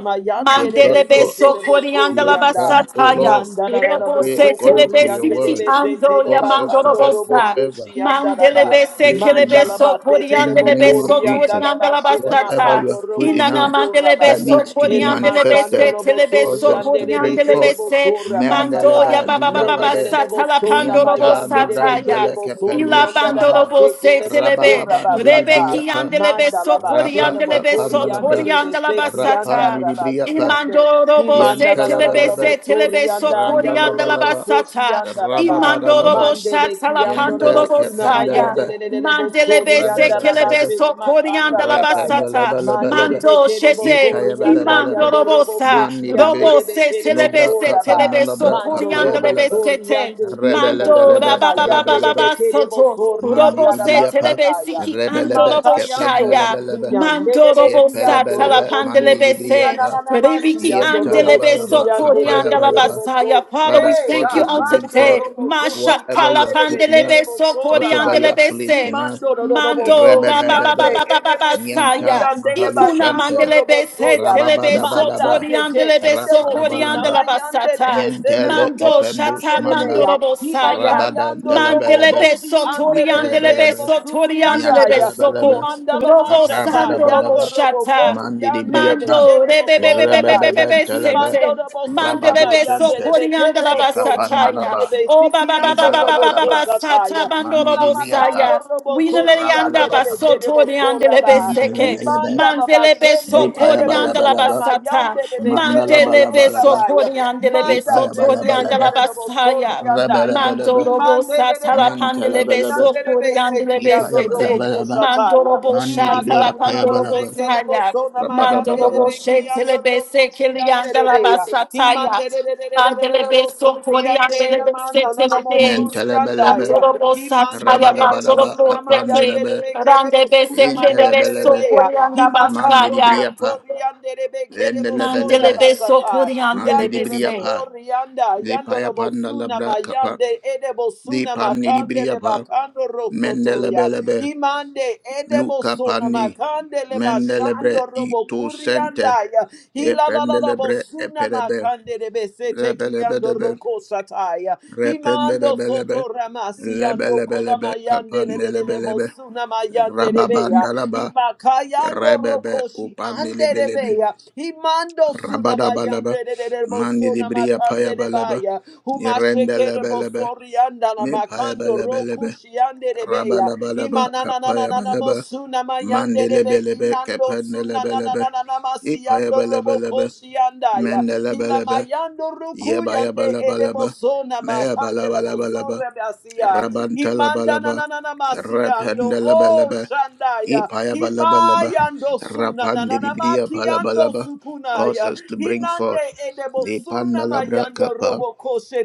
Speaker 3: they
Speaker 2: mayande de
Speaker 3: brought
Speaker 1: Mandele
Speaker 2: be
Speaker 3: forth.
Speaker 1: beso
Speaker 2: setele bo
Speaker 1: coriande
Speaker 3: We
Speaker 2: sori
Speaker 1: la
Speaker 3: have
Speaker 2: anda.
Speaker 3: come, O
Speaker 1: basata ya.
Speaker 3: Lord,
Speaker 2: Manda da da
Speaker 3: to
Speaker 2: da
Speaker 1: Rebo
Speaker 3: pray
Speaker 1: se tele
Speaker 3: according to your
Speaker 1: besiti
Speaker 3: word.
Speaker 2: be
Speaker 1: ando
Speaker 2: setele
Speaker 1: ya
Speaker 3: Cause us to
Speaker 1: mandoro
Speaker 2: bakando Mando
Speaker 3: get
Speaker 2: robo
Speaker 1: bosa.
Speaker 3: whatever
Speaker 2: koshi
Speaker 1: Mandele
Speaker 3: you
Speaker 2: andaraba.
Speaker 3: have
Speaker 1: bese
Speaker 3: placed
Speaker 1: kele
Speaker 3: in
Speaker 2: Mandala
Speaker 3: us.
Speaker 1: beso
Speaker 3: In
Speaker 2: masetele
Speaker 1: coriande
Speaker 3: the
Speaker 1: le
Speaker 3: name of
Speaker 2: bokori
Speaker 1: beso
Speaker 3: Jesus,
Speaker 1: coriande
Speaker 2: andaraba
Speaker 1: la
Speaker 2: shele
Speaker 3: whatever
Speaker 1: basata.
Speaker 3: you
Speaker 2: makando
Speaker 3: have put
Speaker 2: robo
Speaker 3: in
Speaker 1: Inana
Speaker 3: us
Speaker 2: soto
Speaker 1: mandele
Speaker 3: that
Speaker 2: rabaya.
Speaker 1: beso
Speaker 3: needs to be
Speaker 2: Hele
Speaker 1: coriande le
Speaker 2: masando
Speaker 3: manifested,
Speaker 1: bese
Speaker 2: robo
Speaker 1: tele
Speaker 3: cause
Speaker 2: sori
Speaker 1: beso
Speaker 3: us to bring
Speaker 1: coriande
Speaker 2: anderebe
Speaker 1: le
Speaker 2: kere
Speaker 3: forth.
Speaker 2: bo
Speaker 1: bese.
Speaker 2: soraba
Speaker 1: Mando
Speaker 2: sata.
Speaker 1: ya
Speaker 3: Mendelebe
Speaker 1: baba baba
Speaker 2: Lele lele
Speaker 3: lubrabade,
Speaker 2: lebo
Speaker 1: basata la
Speaker 2: sona
Speaker 1: pandoro
Speaker 3: nianta
Speaker 1: bosata
Speaker 2: mayanderebe kere
Speaker 1: ya.
Speaker 2: bo
Speaker 3: nubranteleke
Speaker 2: sori
Speaker 1: Ila
Speaker 2: andaraba
Speaker 3: penusmaha,
Speaker 1: bandorobo se
Speaker 2: sekele bo
Speaker 1: telebe,
Speaker 2: soraba
Speaker 1: rebeki
Speaker 2: sata.
Speaker 3: rabababandilibriyapa.
Speaker 1: andelebe
Speaker 2: Manda la
Speaker 1: sokori
Speaker 3: Rapa
Speaker 2: bashena
Speaker 1: andelebe
Speaker 3: kapa
Speaker 2: bokori ande
Speaker 3: nalabra.
Speaker 1: sotori
Speaker 2: de beseki
Speaker 3: Rapa
Speaker 2: anda
Speaker 1: andalabasata.
Speaker 3: nilibriapa.
Speaker 2: rabasiando. He
Speaker 1: Imandorobo
Speaker 2: manda
Speaker 1: se
Speaker 2: la la la la
Speaker 1: telebe
Speaker 2: la
Speaker 3: Yantalabalaba.
Speaker 1: se
Speaker 2: bosori
Speaker 1: telebe
Speaker 2: anda
Speaker 1: sokori
Speaker 2: yando robo
Speaker 3: Randalabalaba.
Speaker 2: koshi
Speaker 1: andalabasata.
Speaker 2: anda raba.
Speaker 1: Imandorobo
Speaker 3: Rababadalaba.
Speaker 2: Mande beki
Speaker 1: shatala
Speaker 2: ando robo
Speaker 3: Yanta
Speaker 1: pandorobo
Speaker 2: sunama
Speaker 1: saya.
Speaker 2: yande
Speaker 3: kapandalaba.
Speaker 2: le le le le bosori
Speaker 1: Mandelebe se
Speaker 2: anda
Speaker 1: kelebe
Speaker 3: Rabalabalaba.
Speaker 2: rabashena
Speaker 1: sokori
Speaker 2: makanda rabaya.
Speaker 1: andalabasata.
Speaker 2: Mande
Speaker 3: Rapandalabalabalaba.
Speaker 2: de
Speaker 1: Mando
Speaker 2: bekere
Speaker 1: shese
Speaker 2: bosor yanda
Speaker 3: Itayabalabalaba.
Speaker 2: yando robo
Speaker 1: imandorobosa.
Speaker 2: koshi yande
Speaker 3: Mandilibri.
Speaker 1: Robo
Speaker 2: de
Speaker 1: se
Speaker 2: bekere
Speaker 1: telebe
Speaker 3: Lobra
Speaker 2: bosor
Speaker 1: se
Speaker 2: raba.
Speaker 1: telebe
Speaker 3: kapandalabra
Speaker 1: sokori
Speaker 2: Mando robo
Speaker 1: andelebe
Speaker 3: kapayabalaba.
Speaker 2: sor
Speaker 1: sete.
Speaker 2: yande ede
Speaker 1: Mando
Speaker 2: bosuna
Speaker 1: da
Speaker 2: ma
Speaker 1: ba ba ba ba
Speaker 2: yande de
Speaker 1: ba
Speaker 3: Rebelebelebe,
Speaker 1: ba
Speaker 2: bekere
Speaker 1: soto.
Speaker 2: bosor
Speaker 3: Mandi
Speaker 1: Robo
Speaker 2: yanda
Speaker 3: di
Speaker 1: se
Speaker 2: raba
Speaker 3: briapa,
Speaker 1: telebe
Speaker 2: sataya.
Speaker 1: siki ando
Speaker 3: rebelebe,
Speaker 2: Himaka
Speaker 1: robo
Speaker 2: yando
Speaker 1: shaya.
Speaker 2: suku
Speaker 3: kependelebelebe,
Speaker 2: yande de
Speaker 1: Mando robo
Speaker 2: beki
Speaker 1: sa
Speaker 2: yando
Speaker 3: yepelebelebe,
Speaker 2: robo su.
Speaker 3: mandi di
Speaker 1: talapandelebe
Speaker 2: Na
Speaker 1: se.
Speaker 2: na na
Speaker 3: briapa,
Speaker 2: na masi
Speaker 1: Rebiki
Speaker 2: yando robo
Speaker 1: andelebe
Speaker 2: suri
Speaker 3: yentalabalaba,
Speaker 2: yande
Speaker 1: sokori
Speaker 2: de
Speaker 1: andala
Speaker 2: bekere
Speaker 3: kapayabalaba.
Speaker 2: bosor.
Speaker 1: basaya. Father,
Speaker 3: Father,
Speaker 1: we
Speaker 2: Hey
Speaker 3: cause
Speaker 1: thank you
Speaker 3: us
Speaker 2: God,
Speaker 3: to
Speaker 1: on
Speaker 3: bring
Speaker 2: mando
Speaker 3: forth
Speaker 1: today.
Speaker 2: robo
Speaker 1: Masha
Speaker 2: koshi
Speaker 3: whatever you
Speaker 2: ande
Speaker 3: have put in
Speaker 2: bekere
Speaker 1: kalapandelebe
Speaker 3: us,
Speaker 2: bosor
Speaker 1: sokori
Speaker 3: whatever you
Speaker 2: rabaya.
Speaker 3: have
Speaker 1: andelebe
Speaker 3: placed in us.
Speaker 1: se.
Speaker 2: Imando do do do bo
Speaker 1: Mando, da ba ba
Speaker 2: suriande
Speaker 1: ba
Speaker 3: Rebebelebe,
Speaker 1: ba ba
Speaker 2: ede
Speaker 1: ba
Speaker 2: bo
Speaker 1: ba
Speaker 3: nyanta
Speaker 1: saya.
Speaker 2: sukuyande le
Speaker 1: Ikuna
Speaker 2: bakando
Speaker 3: mahalushante,
Speaker 1: mandele
Speaker 2: robo
Speaker 1: bese,
Speaker 2: soya
Speaker 1: telebe so
Speaker 2: manda
Speaker 3: rababadabalaba,
Speaker 2: seke
Speaker 1: koriandele
Speaker 2: ede
Speaker 1: beso
Speaker 2: bo
Speaker 3: rapalabalaba.
Speaker 1: koriandela
Speaker 2: sunamayande de
Speaker 1: basata.
Speaker 2: be sele bo
Speaker 3: Nyantele
Speaker 1: Mando
Speaker 2: koriande
Speaker 3: kependus
Speaker 1: shata
Speaker 2: de be
Speaker 1: mando
Speaker 3: manda
Speaker 2: ya
Speaker 1: robo saya.
Speaker 3: rabadan
Speaker 2: imakayando robo
Speaker 1: Mandele
Speaker 3: telebelebe
Speaker 2: kochi
Speaker 1: beso
Speaker 2: ande de be
Speaker 1: toriandele
Speaker 2: kere bo
Speaker 3: vitayabelebe
Speaker 1: beso
Speaker 2: surianda
Speaker 1: toriandele
Speaker 2: ya
Speaker 1: beso
Speaker 3: nyantelebelebe
Speaker 1: ko.
Speaker 2: imanda la
Speaker 1: Robo
Speaker 2: mashata
Speaker 1: sando robo
Speaker 2: yando
Speaker 3: apabadabadaba
Speaker 2: robo
Speaker 1: shata.
Speaker 2: kochi
Speaker 3: mandi
Speaker 2: ande de be
Speaker 3: dibriapa
Speaker 1: Mando
Speaker 2: kere bo sorabaya
Speaker 3: rebebeben
Speaker 1: rebebebebebebebe
Speaker 3: telebe
Speaker 2: Kimando
Speaker 1: sente.
Speaker 2: da bosuna
Speaker 3: rabadu
Speaker 1: Mandelebe
Speaker 2: mayande
Speaker 3: sente
Speaker 2: de
Speaker 1: sokorianda
Speaker 2: bekere
Speaker 1: la
Speaker 2: bosoriande
Speaker 1: basataya.
Speaker 2: de
Speaker 3: nikapanalaba
Speaker 1: Oh baba
Speaker 2: besikiando
Speaker 1: baba baba
Speaker 2: robo
Speaker 1: baba
Speaker 3: ibalabalaba
Speaker 1: basata
Speaker 2: kosataya.
Speaker 1: bando
Speaker 3: mandi
Speaker 2: Kila
Speaker 1: robo
Speaker 2: makando
Speaker 3: dibriapa
Speaker 1: saya.
Speaker 2: robo
Speaker 1: Winelerianda
Speaker 2: koshiande de
Speaker 3: rabalabalaba
Speaker 2: bekere
Speaker 1: basotorianda lebe
Speaker 2: bosoraba.
Speaker 1: seke.
Speaker 3: nyantelebelebe
Speaker 2: Kimanda la
Speaker 1: Mandelebe
Speaker 2: basende ede
Speaker 1: sokorianda la
Speaker 2: bosuna
Speaker 3: ipayabalabalaba
Speaker 1: basata.
Speaker 2: mayande de bekere
Speaker 1: Mandelebe
Speaker 3: mandalabalabalaba
Speaker 2: bosorabaya.
Speaker 1: sokorianda lebe
Speaker 2: Manda se
Speaker 1: sotorianda
Speaker 3: ipayabalabalaba
Speaker 1: la
Speaker 2: tererebo
Speaker 1: basaya.
Speaker 2: sorriandaya. Di
Speaker 3: Rabalabalaba,
Speaker 1: Mandorobo
Speaker 2: mande
Speaker 1: satala
Speaker 2: tererebo
Speaker 1: pandelebe
Speaker 3: Mentalabalaba,
Speaker 2: surriandere bese
Speaker 1: sokorianda lebe
Speaker 2: criando robo
Speaker 1: sete.
Speaker 3: Ipayabalabalaba,
Speaker 2: cosataya.
Speaker 1: Mandorobo
Speaker 2: Di
Speaker 3: Manilibria
Speaker 1: shatala
Speaker 2: macanda
Speaker 1: pandorobo
Speaker 2: ramase
Speaker 3: Payabalaba,
Speaker 2: che debo
Speaker 1: saya.
Speaker 2: sona
Speaker 1: Mandela
Speaker 2: maiandere
Speaker 3: Rabalabalaba,
Speaker 1: Boshe
Speaker 2: becchiando
Speaker 1: Telebe Sekili and
Speaker 2: rocuciandere
Speaker 1: Dalaba
Speaker 2: bea. Di
Speaker 1: Sataya.
Speaker 2: mande
Speaker 1: Mandelebe
Speaker 2: tererebo
Speaker 1: Sokori and
Speaker 2: surriandela
Speaker 1: Delebe
Speaker 2: manda non amo
Speaker 1: Setelebe.
Speaker 3: Mentalabalaba,
Speaker 2: surriandaya.
Speaker 1: Mandorobo
Speaker 2: Imandere
Speaker 1: Sataya,
Speaker 2: erebo
Speaker 3: Rabalabalaba,
Speaker 1: Mandorobo
Speaker 2: sunama
Speaker 1: Seke,
Speaker 2: yandere
Speaker 3: Kapanelebe,
Speaker 2: be kerebo
Speaker 1: Randebe
Speaker 2: sunama
Speaker 1: Sekelebe
Speaker 2: yandere
Speaker 3: Intelebelebe,
Speaker 2: be ya.
Speaker 1: Sokori and
Speaker 2: Imakando
Speaker 3: Manilibria
Speaker 1: Abasaya.
Speaker 3: Pa,
Speaker 2: sotori yandere be kerebo sora
Speaker 3: Vendelebelebe,
Speaker 1: Mandelebe
Speaker 2: basata.
Speaker 1: Sokori and Delebe
Speaker 2: Yandere
Speaker 3: Manilibria
Speaker 2: bo
Speaker 1: Se.
Speaker 3: Pa,
Speaker 2: ori yanda
Speaker 3: the
Speaker 2: yandere bo
Speaker 3: Payapanda
Speaker 2: sunama
Speaker 3: Labra Kapa,
Speaker 2: yande erebo
Speaker 3: the
Speaker 2: sunama
Speaker 3: Panilibria
Speaker 2: kandere
Speaker 3: Pa,
Speaker 2: bakando rosoto ya.
Speaker 3: Mendelebelebe,
Speaker 2: Imande edebo
Speaker 3: Luca
Speaker 2: sunama
Speaker 3: Pandi,
Speaker 2: kandele
Speaker 3: Mendelebre
Speaker 2: mashando robo
Speaker 3: Ito
Speaker 2: kuri
Speaker 3: Sente,
Speaker 2: yanda ya la
Speaker 3: Ependelebre
Speaker 2: bosuna
Speaker 3: Eperebe,
Speaker 2: makande de besete kiando
Speaker 3: Lebelebelebe,
Speaker 2: roko sataya. Himando
Speaker 3: rependelebelebe,
Speaker 2: soto ramasi ando koda
Speaker 3: lebelebelebe,
Speaker 2: mayande le le le le
Speaker 3: kapandelebelebe,
Speaker 2: bosuna mayande de bea.
Speaker 3: rababandalaba,
Speaker 2: Himakayando
Speaker 3: rebebe,
Speaker 2: rokoshi ande de
Speaker 3: kupandelebelebe,
Speaker 2: bea. Himando suna
Speaker 3: rabadabalaba,
Speaker 2: mayande de de de bosuna
Speaker 3: mandilibriya
Speaker 2: makande de
Speaker 3: payabalaba,
Speaker 2: baya. Humasheke de
Speaker 3: irendelebelebe,
Speaker 2: bosori anda la makando
Speaker 3: mipayabelebelebe,
Speaker 2: rokushi ande de bea.
Speaker 3: rabalabalaba,
Speaker 2: Imanananananamo
Speaker 3: kapayabalaba,
Speaker 2: sunamayandere
Speaker 3: mandelebelebe,
Speaker 2: inando
Speaker 3: kependelebelebe,
Speaker 2: sunananananama siyando
Speaker 3: ipayabelebelebe,
Speaker 2: roboko siyandaya.
Speaker 3: mendelebelebe,
Speaker 2: Ilamayando
Speaker 3: Yeba yeba
Speaker 2: rukuyande
Speaker 3: laba
Speaker 2: edebo
Speaker 3: laba.
Speaker 2: sonama
Speaker 3: Meyaba
Speaker 2: handera
Speaker 3: laba laba laba.
Speaker 2: bosore basiya.
Speaker 3: Rabanta laba laba.
Speaker 2: Imandananananama siyando
Speaker 3: Rapanda laba
Speaker 2: oh
Speaker 3: laba.
Speaker 2: shandaya.
Speaker 3: Ipaya balaba laba.
Speaker 2: Imayando
Speaker 3: Rapandi
Speaker 2: sunanananama
Speaker 3: libriya balaba
Speaker 2: kiyando
Speaker 3: laba. Cause
Speaker 2: sukunaya.
Speaker 3: us to bring forth.
Speaker 2: Hinande
Speaker 3: Ipanda
Speaker 2: edebosuna
Speaker 3: labra
Speaker 2: mayando
Speaker 3: kapa.
Speaker 2: robo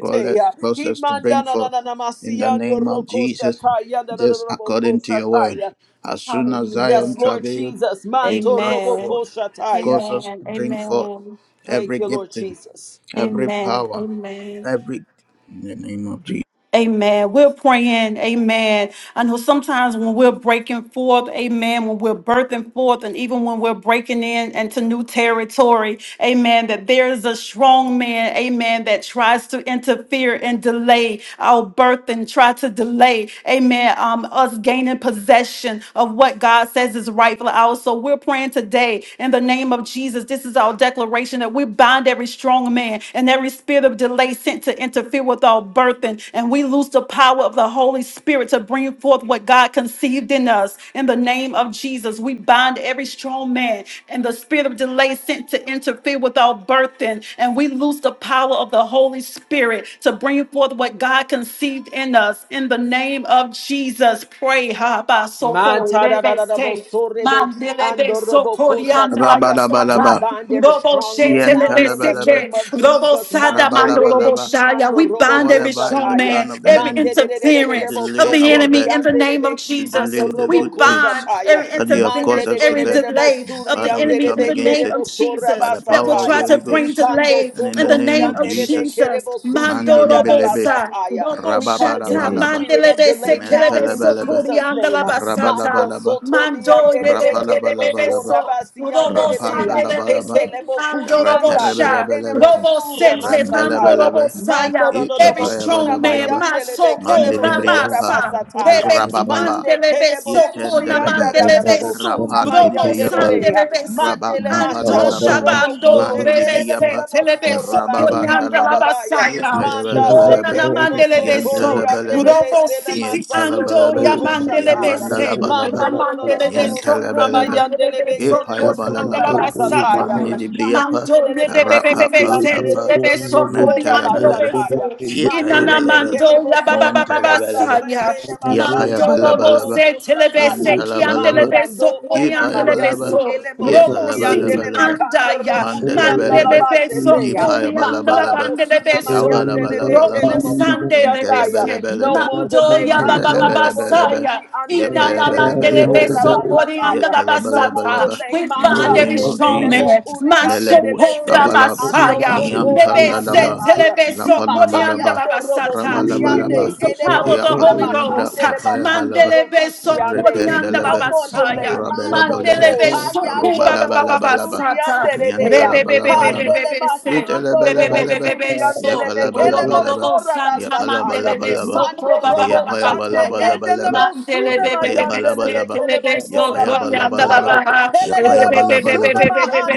Speaker 3: Call us, cause us to
Speaker 2: Himanda
Speaker 3: bring
Speaker 2: na na
Speaker 3: forth.
Speaker 2: na na
Speaker 3: In the
Speaker 2: masiando
Speaker 3: name of
Speaker 2: roko
Speaker 3: Jesus,
Speaker 2: sataya da da da
Speaker 3: just
Speaker 2: robo
Speaker 3: according to your word.
Speaker 2: kosataya.
Speaker 3: As soon as Zion
Speaker 2: Yes,
Speaker 1: Hallelujah.
Speaker 2: Lord
Speaker 3: travailed,
Speaker 2: Jesus.
Speaker 3: they
Speaker 2: Manto
Speaker 3: brought
Speaker 2: robo
Speaker 1: Amen.
Speaker 3: forth.
Speaker 2: kosataya.
Speaker 3: Cause us
Speaker 1: Amen.
Speaker 3: to bring forth
Speaker 1: Amen.
Speaker 2: Thank
Speaker 3: every
Speaker 2: you, Lord
Speaker 3: gifting
Speaker 2: Jesus.
Speaker 3: every
Speaker 1: Amen.
Speaker 3: power,
Speaker 1: Amen.
Speaker 3: every in the name of Jesus.
Speaker 1: Amen. We're praying. Amen. I know sometimes when we're breaking forth, amen, when we're birthing forth, and even when we're breaking in into new territory, amen, that there's a strong man, amen, that tries to interfere and delay our birth and try to delay, amen, um, us gaining possession of what God says is rightfully ours. So we're praying today in the name of Jesus. This is our declaration that we bind every strong man and every spirit of delay sent to interfere with our birthing, and we lose the power of the Holy Spirit. Spirit to bring forth what God conceived in us. In the name of Jesus, we bind every strong man and the spirit of delay sent to interfere with our birthing. And we loose the power of the Holy Spirit to bring forth what God conceived in us. In the name of Jesus, pray. Ha, ba, so, ko,
Speaker 2: Manta
Speaker 1: le,
Speaker 2: da da
Speaker 1: be,
Speaker 2: da da bo
Speaker 1: se.
Speaker 2: so rebe ki
Speaker 1: Mandelebe
Speaker 2: ando robo
Speaker 1: sokorianda la
Speaker 2: kosataya. We
Speaker 3: Rabalabalaba,
Speaker 1: basata.
Speaker 2: bind every
Speaker 1: Robo
Speaker 2: strong man now
Speaker 1: shetelebe
Speaker 2: in the
Speaker 3: yantalabalaba,
Speaker 1: seke.
Speaker 2: name of
Speaker 1: Robo
Speaker 2: Jesus.
Speaker 1: sada
Speaker 2: Manto
Speaker 1: mando
Speaker 3: rabalabalaba.
Speaker 2: rebeki
Speaker 1: shaya.
Speaker 2: ando
Speaker 1: We
Speaker 2: robo
Speaker 1: bind every
Speaker 3: Whatever is
Speaker 1: strong
Speaker 3: the
Speaker 2: kosataya.
Speaker 1: man,
Speaker 3: plan of the
Speaker 1: every
Speaker 2: Mande de
Speaker 3: enemy
Speaker 2: de de de de
Speaker 3: to
Speaker 2: de bo
Speaker 1: interference of
Speaker 3: delay
Speaker 2: so
Speaker 1: the
Speaker 3: our
Speaker 1: enemy
Speaker 3: bed,
Speaker 1: in the
Speaker 2: coriande de
Speaker 1: name of
Speaker 2: beki
Speaker 3: to
Speaker 1: Jesus.
Speaker 2: ando
Speaker 3: delay the
Speaker 1: We
Speaker 2: robo
Speaker 3: good things
Speaker 1: bind
Speaker 2: koshataya.
Speaker 1: every
Speaker 3: that you have
Speaker 2: Mande
Speaker 3: caused
Speaker 1: interference,
Speaker 2: de de
Speaker 3: us to
Speaker 2: de
Speaker 1: every
Speaker 2: de
Speaker 3: bear,
Speaker 2: de bo
Speaker 1: delay of the
Speaker 3: Father, we
Speaker 2: suriande
Speaker 1: enemy
Speaker 2: de
Speaker 3: come
Speaker 1: in the
Speaker 2: beke
Speaker 3: against
Speaker 1: name
Speaker 2: de
Speaker 3: it
Speaker 2: bo
Speaker 1: of
Speaker 3: by the
Speaker 1: Jesus that will
Speaker 3: power of the
Speaker 1: try
Speaker 2: sorabasataya.
Speaker 1: to
Speaker 3: Holy
Speaker 1: bring
Speaker 3: Ghost
Speaker 2: Hikando
Speaker 1: delay
Speaker 3: and in
Speaker 1: in
Speaker 3: the
Speaker 1: the
Speaker 3: name
Speaker 1: name
Speaker 3: of
Speaker 1: of
Speaker 2: sotoriande
Speaker 4: Thank
Speaker 2: de
Speaker 3: Jesus.
Speaker 2: beke de
Speaker 1: Jesus.
Speaker 2: bo
Speaker 1: Mando
Speaker 2: surianda
Speaker 1: robo
Speaker 3: Mandilibelebe,
Speaker 1: sa.
Speaker 2: rabasataya.
Speaker 1: Robo
Speaker 2: We come against
Speaker 1: shata.
Speaker 2: the
Speaker 3: rababalabalaba,
Speaker 2: spirit of
Speaker 1: Mandelebe
Speaker 2: delay now
Speaker 1: sekelebe
Speaker 2: in
Speaker 3: mentalabalaba,
Speaker 2: Jesus'
Speaker 1: sokorianda
Speaker 2: name.
Speaker 1: la
Speaker 2: Mando
Speaker 1: basata.
Speaker 3: rabalabalaba,
Speaker 1: Mando de
Speaker 2: sotoriande
Speaker 1: de
Speaker 2: de
Speaker 1: de
Speaker 2: beke
Speaker 1: de
Speaker 2: de
Speaker 1: de
Speaker 2: bo
Speaker 1: de
Speaker 3: rabalabalaba.
Speaker 1: beso,
Speaker 2: sorabasiande
Speaker 1: robo
Speaker 2: de
Speaker 3: Rapanda
Speaker 2: beya.
Speaker 1: sande de
Speaker 3: labalaba.
Speaker 1: bese,
Speaker 2: Hekelebo
Speaker 1: mando robo
Speaker 2: kurianda
Speaker 1: sha,
Speaker 3: Rapelebelebelebe,
Speaker 2: sekenemo
Speaker 1: robo sete, mando
Speaker 2: suramasataya.
Speaker 1: robo
Speaker 3: rentelebelebe,
Speaker 2: Mando
Speaker 1: saya.
Speaker 2: do do do
Speaker 1: Every
Speaker 2: bosuna
Speaker 1: strong man,
Speaker 3: ikepayabalabalaba,
Speaker 2: mayande le bekele
Speaker 1: masoko
Speaker 2: bosora
Speaker 3: mandilibriyapa,
Speaker 1: ramasa,
Speaker 2: basataya.
Speaker 1: rebeki
Speaker 3: rabababa,
Speaker 1: ande
Speaker 2: Mande
Speaker 1: le
Speaker 2: kede
Speaker 1: beso,
Speaker 2: bosuri
Speaker 1: kona
Speaker 2: anda
Speaker 3: itendelebe,
Speaker 1: mande
Speaker 2: da
Speaker 1: le
Speaker 2: da da
Speaker 1: beso,
Speaker 2: bosuna
Speaker 1: robo
Speaker 2: mayande le
Speaker 3: rapandilibriyapa,
Speaker 1: sande
Speaker 2: beha.
Speaker 1: le besi,
Speaker 2: Mande le
Speaker 1: ando
Speaker 2: mashando
Speaker 3: rabakapandalaba,
Speaker 2: robo
Speaker 1: shabando,
Speaker 2: koshe
Speaker 1: rebe
Speaker 2: tele le le
Speaker 3: mandilibriyapa,
Speaker 2: le
Speaker 1: sete le
Speaker 2: bosora
Speaker 1: beso,
Speaker 2: baki
Speaker 1: kona ande
Speaker 2: anda
Speaker 1: la
Speaker 2: da
Speaker 3: rababandalaba,
Speaker 2: baya.
Speaker 1: basaya.
Speaker 2: Manda
Speaker 1: Oh,
Speaker 2: se
Speaker 3: itebelebelebe,
Speaker 1: nana
Speaker 2: kede
Speaker 1: mandele
Speaker 2: bosotori
Speaker 1: beso.
Speaker 2: ande
Speaker 3: yentelebelebe,
Speaker 2: le
Speaker 1: Robo siti
Speaker 2: masando
Speaker 1: ando
Speaker 3: yentelebelebe,
Speaker 2: robo
Speaker 1: ya mandele
Speaker 2: koshataya.
Speaker 1: bese.
Speaker 2: Mando
Speaker 3: yapandalabalaba,
Speaker 2: do do do do
Speaker 1: Ramandele
Speaker 2: do do
Speaker 1: beso
Speaker 2: bosuna
Speaker 1: kori
Speaker 3: yentelebelebe,
Speaker 2: mayande
Speaker 1: mandele
Speaker 2: le
Speaker 1: beso
Speaker 2: bekele
Speaker 1: kori
Speaker 2: bosora
Speaker 1: mandela
Speaker 3: ipayabalaba,
Speaker 2: basataya.
Speaker 3: Mandi
Speaker 4: you.
Speaker 1: basata.
Speaker 3: di
Speaker 2: Mande
Speaker 3: briapa,
Speaker 1: Mando le be be be
Speaker 4: Thank
Speaker 1: be
Speaker 3: rapapa
Speaker 1: bese
Speaker 2: suriyandere
Speaker 3: papa,
Speaker 1: tele
Speaker 2: bekele bo
Speaker 1: beso kori
Speaker 2: sorra
Speaker 1: mandele
Speaker 3: mantalabalaba,
Speaker 1: bese.
Speaker 2: basataya. Mandele
Speaker 1: Inana
Speaker 3: yetayabalaba,
Speaker 2: bekele
Speaker 1: mando
Speaker 2: bo
Speaker 1: ya ba ba ba
Speaker 2: sorri
Speaker 1: ba
Speaker 2: bir
Speaker 1: ba
Speaker 2: anda
Speaker 3: mantalabalaba,
Speaker 1: saya.
Speaker 2: sekele basar
Speaker 1: Mando
Speaker 2: yando
Speaker 1: robo
Speaker 2: robo
Speaker 3: yapayabalabalaba,
Speaker 1: se le
Speaker 2: kusataya.
Speaker 1: bese ki
Speaker 3: yantalabalaba,
Speaker 1: andele
Speaker 2: Mayando
Speaker 1: beso kori
Speaker 2: ona
Speaker 1: andele
Speaker 3: Yipayabalabalaba,
Speaker 2: mayande
Speaker 1: beso.
Speaker 2: ele bo
Speaker 1: Robo siti
Speaker 2: suriyandele
Speaker 3: yipalabalabalaba,
Speaker 2: makando
Speaker 1: anda ya
Speaker 2: rokuriyanda la
Speaker 3: mandalabalaba,
Speaker 1: mandele beso
Speaker 2: baseteya.
Speaker 1: Oriandala
Speaker 2: Makara
Speaker 3: yipayabalabalaba,
Speaker 2: bo suna
Speaker 1: bandelebeso,
Speaker 2: mayandele
Speaker 1: Robo
Speaker 3: yabalabalabalaba,
Speaker 2: bekele bo suriyandaya.
Speaker 1: sandelebese,
Speaker 2: No
Speaker 3: intelabalabalaba,
Speaker 2: more delay
Speaker 1: Mandoya
Speaker 2: manto robo
Speaker 3: mandalabalabalaba,
Speaker 1: babababasaya,
Speaker 2: kochi andere
Speaker 1: Inana
Speaker 2: bekele bo sorra
Speaker 3: yipayabalabalaba,
Speaker 1: mandelebeso,
Speaker 2: basataya.
Speaker 1: Oriandala
Speaker 2: No more
Speaker 1: basata.
Speaker 3: yetalabalabalaba.
Speaker 2: delay
Speaker 1: We
Speaker 3: In the
Speaker 1: bind every
Speaker 3: name
Speaker 2: mankande
Speaker 3: of
Speaker 1: strong
Speaker 3: Jesus,
Speaker 2: lebo
Speaker 1: man,
Speaker 2: kuriande de
Speaker 3: Melebus
Speaker 1: Mansopora
Speaker 2: beseki
Speaker 3: Babalab,
Speaker 2: ando
Speaker 1: basaya,
Speaker 3: Miam
Speaker 2: sotora
Speaker 1: Lebese
Speaker 3: Pandalaba,
Speaker 2: masataya
Speaker 1: telebeso,
Speaker 2: Imakaya
Speaker 3: Lapanabalaba,
Speaker 1: Oriandala
Speaker 2: ando robo
Speaker 1: basata. We
Speaker 2: kuriande
Speaker 3: Rabalabalaba,
Speaker 1: lose the
Speaker 2: edebo
Speaker 1: power of the
Speaker 2: suna
Speaker 1: Holy
Speaker 3: Yapandalabra
Speaker 1: Ghost,
Speaker 2: makande le bakando
Speaker 3: Kapayabalaba,
Speaker 1: Mandelebeso,
Speaker 2: rokushiande. No
Speaker 1: Oriandala
Speaker 3: Rependalaba.
Speaker 2: more delay.
Speaker 1: basaya,
Speaker 2: Mando
Speaker 3: Rabalabalaba,
Speaker 2: so
Speaker 1: Mandelebeso,
Speaker 4: you.
Speaker 2: hayando
Speaker 1: Baba
Speaker 2: robo
Speaker 1: baba
Speaker 3: Rubalabalabalaba,
Speaker 1: basata.
Speaker 4: Thank
Speaker 2: suriande de beya.
Speaker 3: Yantalabalabalaba,
Speaker 2: Candele
Speaker 1: Mandele
Speaker 2: basando robo
Speaker 3: Yitalabalabalaba,
Speaker 2: suriande le mekele
Speaker 3: Yapalabalabalaba,
Speaker 2: mosora basataya.
Speaker 3: Yapalabalabalaba,
Speaker 2: Mando
Speaker 3: the
Speaker 2: robo shande edele
Speaker 3: Yapayabalabalaba,
Speaker 2: mosuna mayande le
Speaker 3: Yapayabalabalaba,
Speaker 2: mekele mosora basataya.
Speaker 3: Yapayabalabalaba,
Speaker 2: Fire.
Speaker 3: Yapayabalabalaba,
Speaker 2: Pelelelebosuna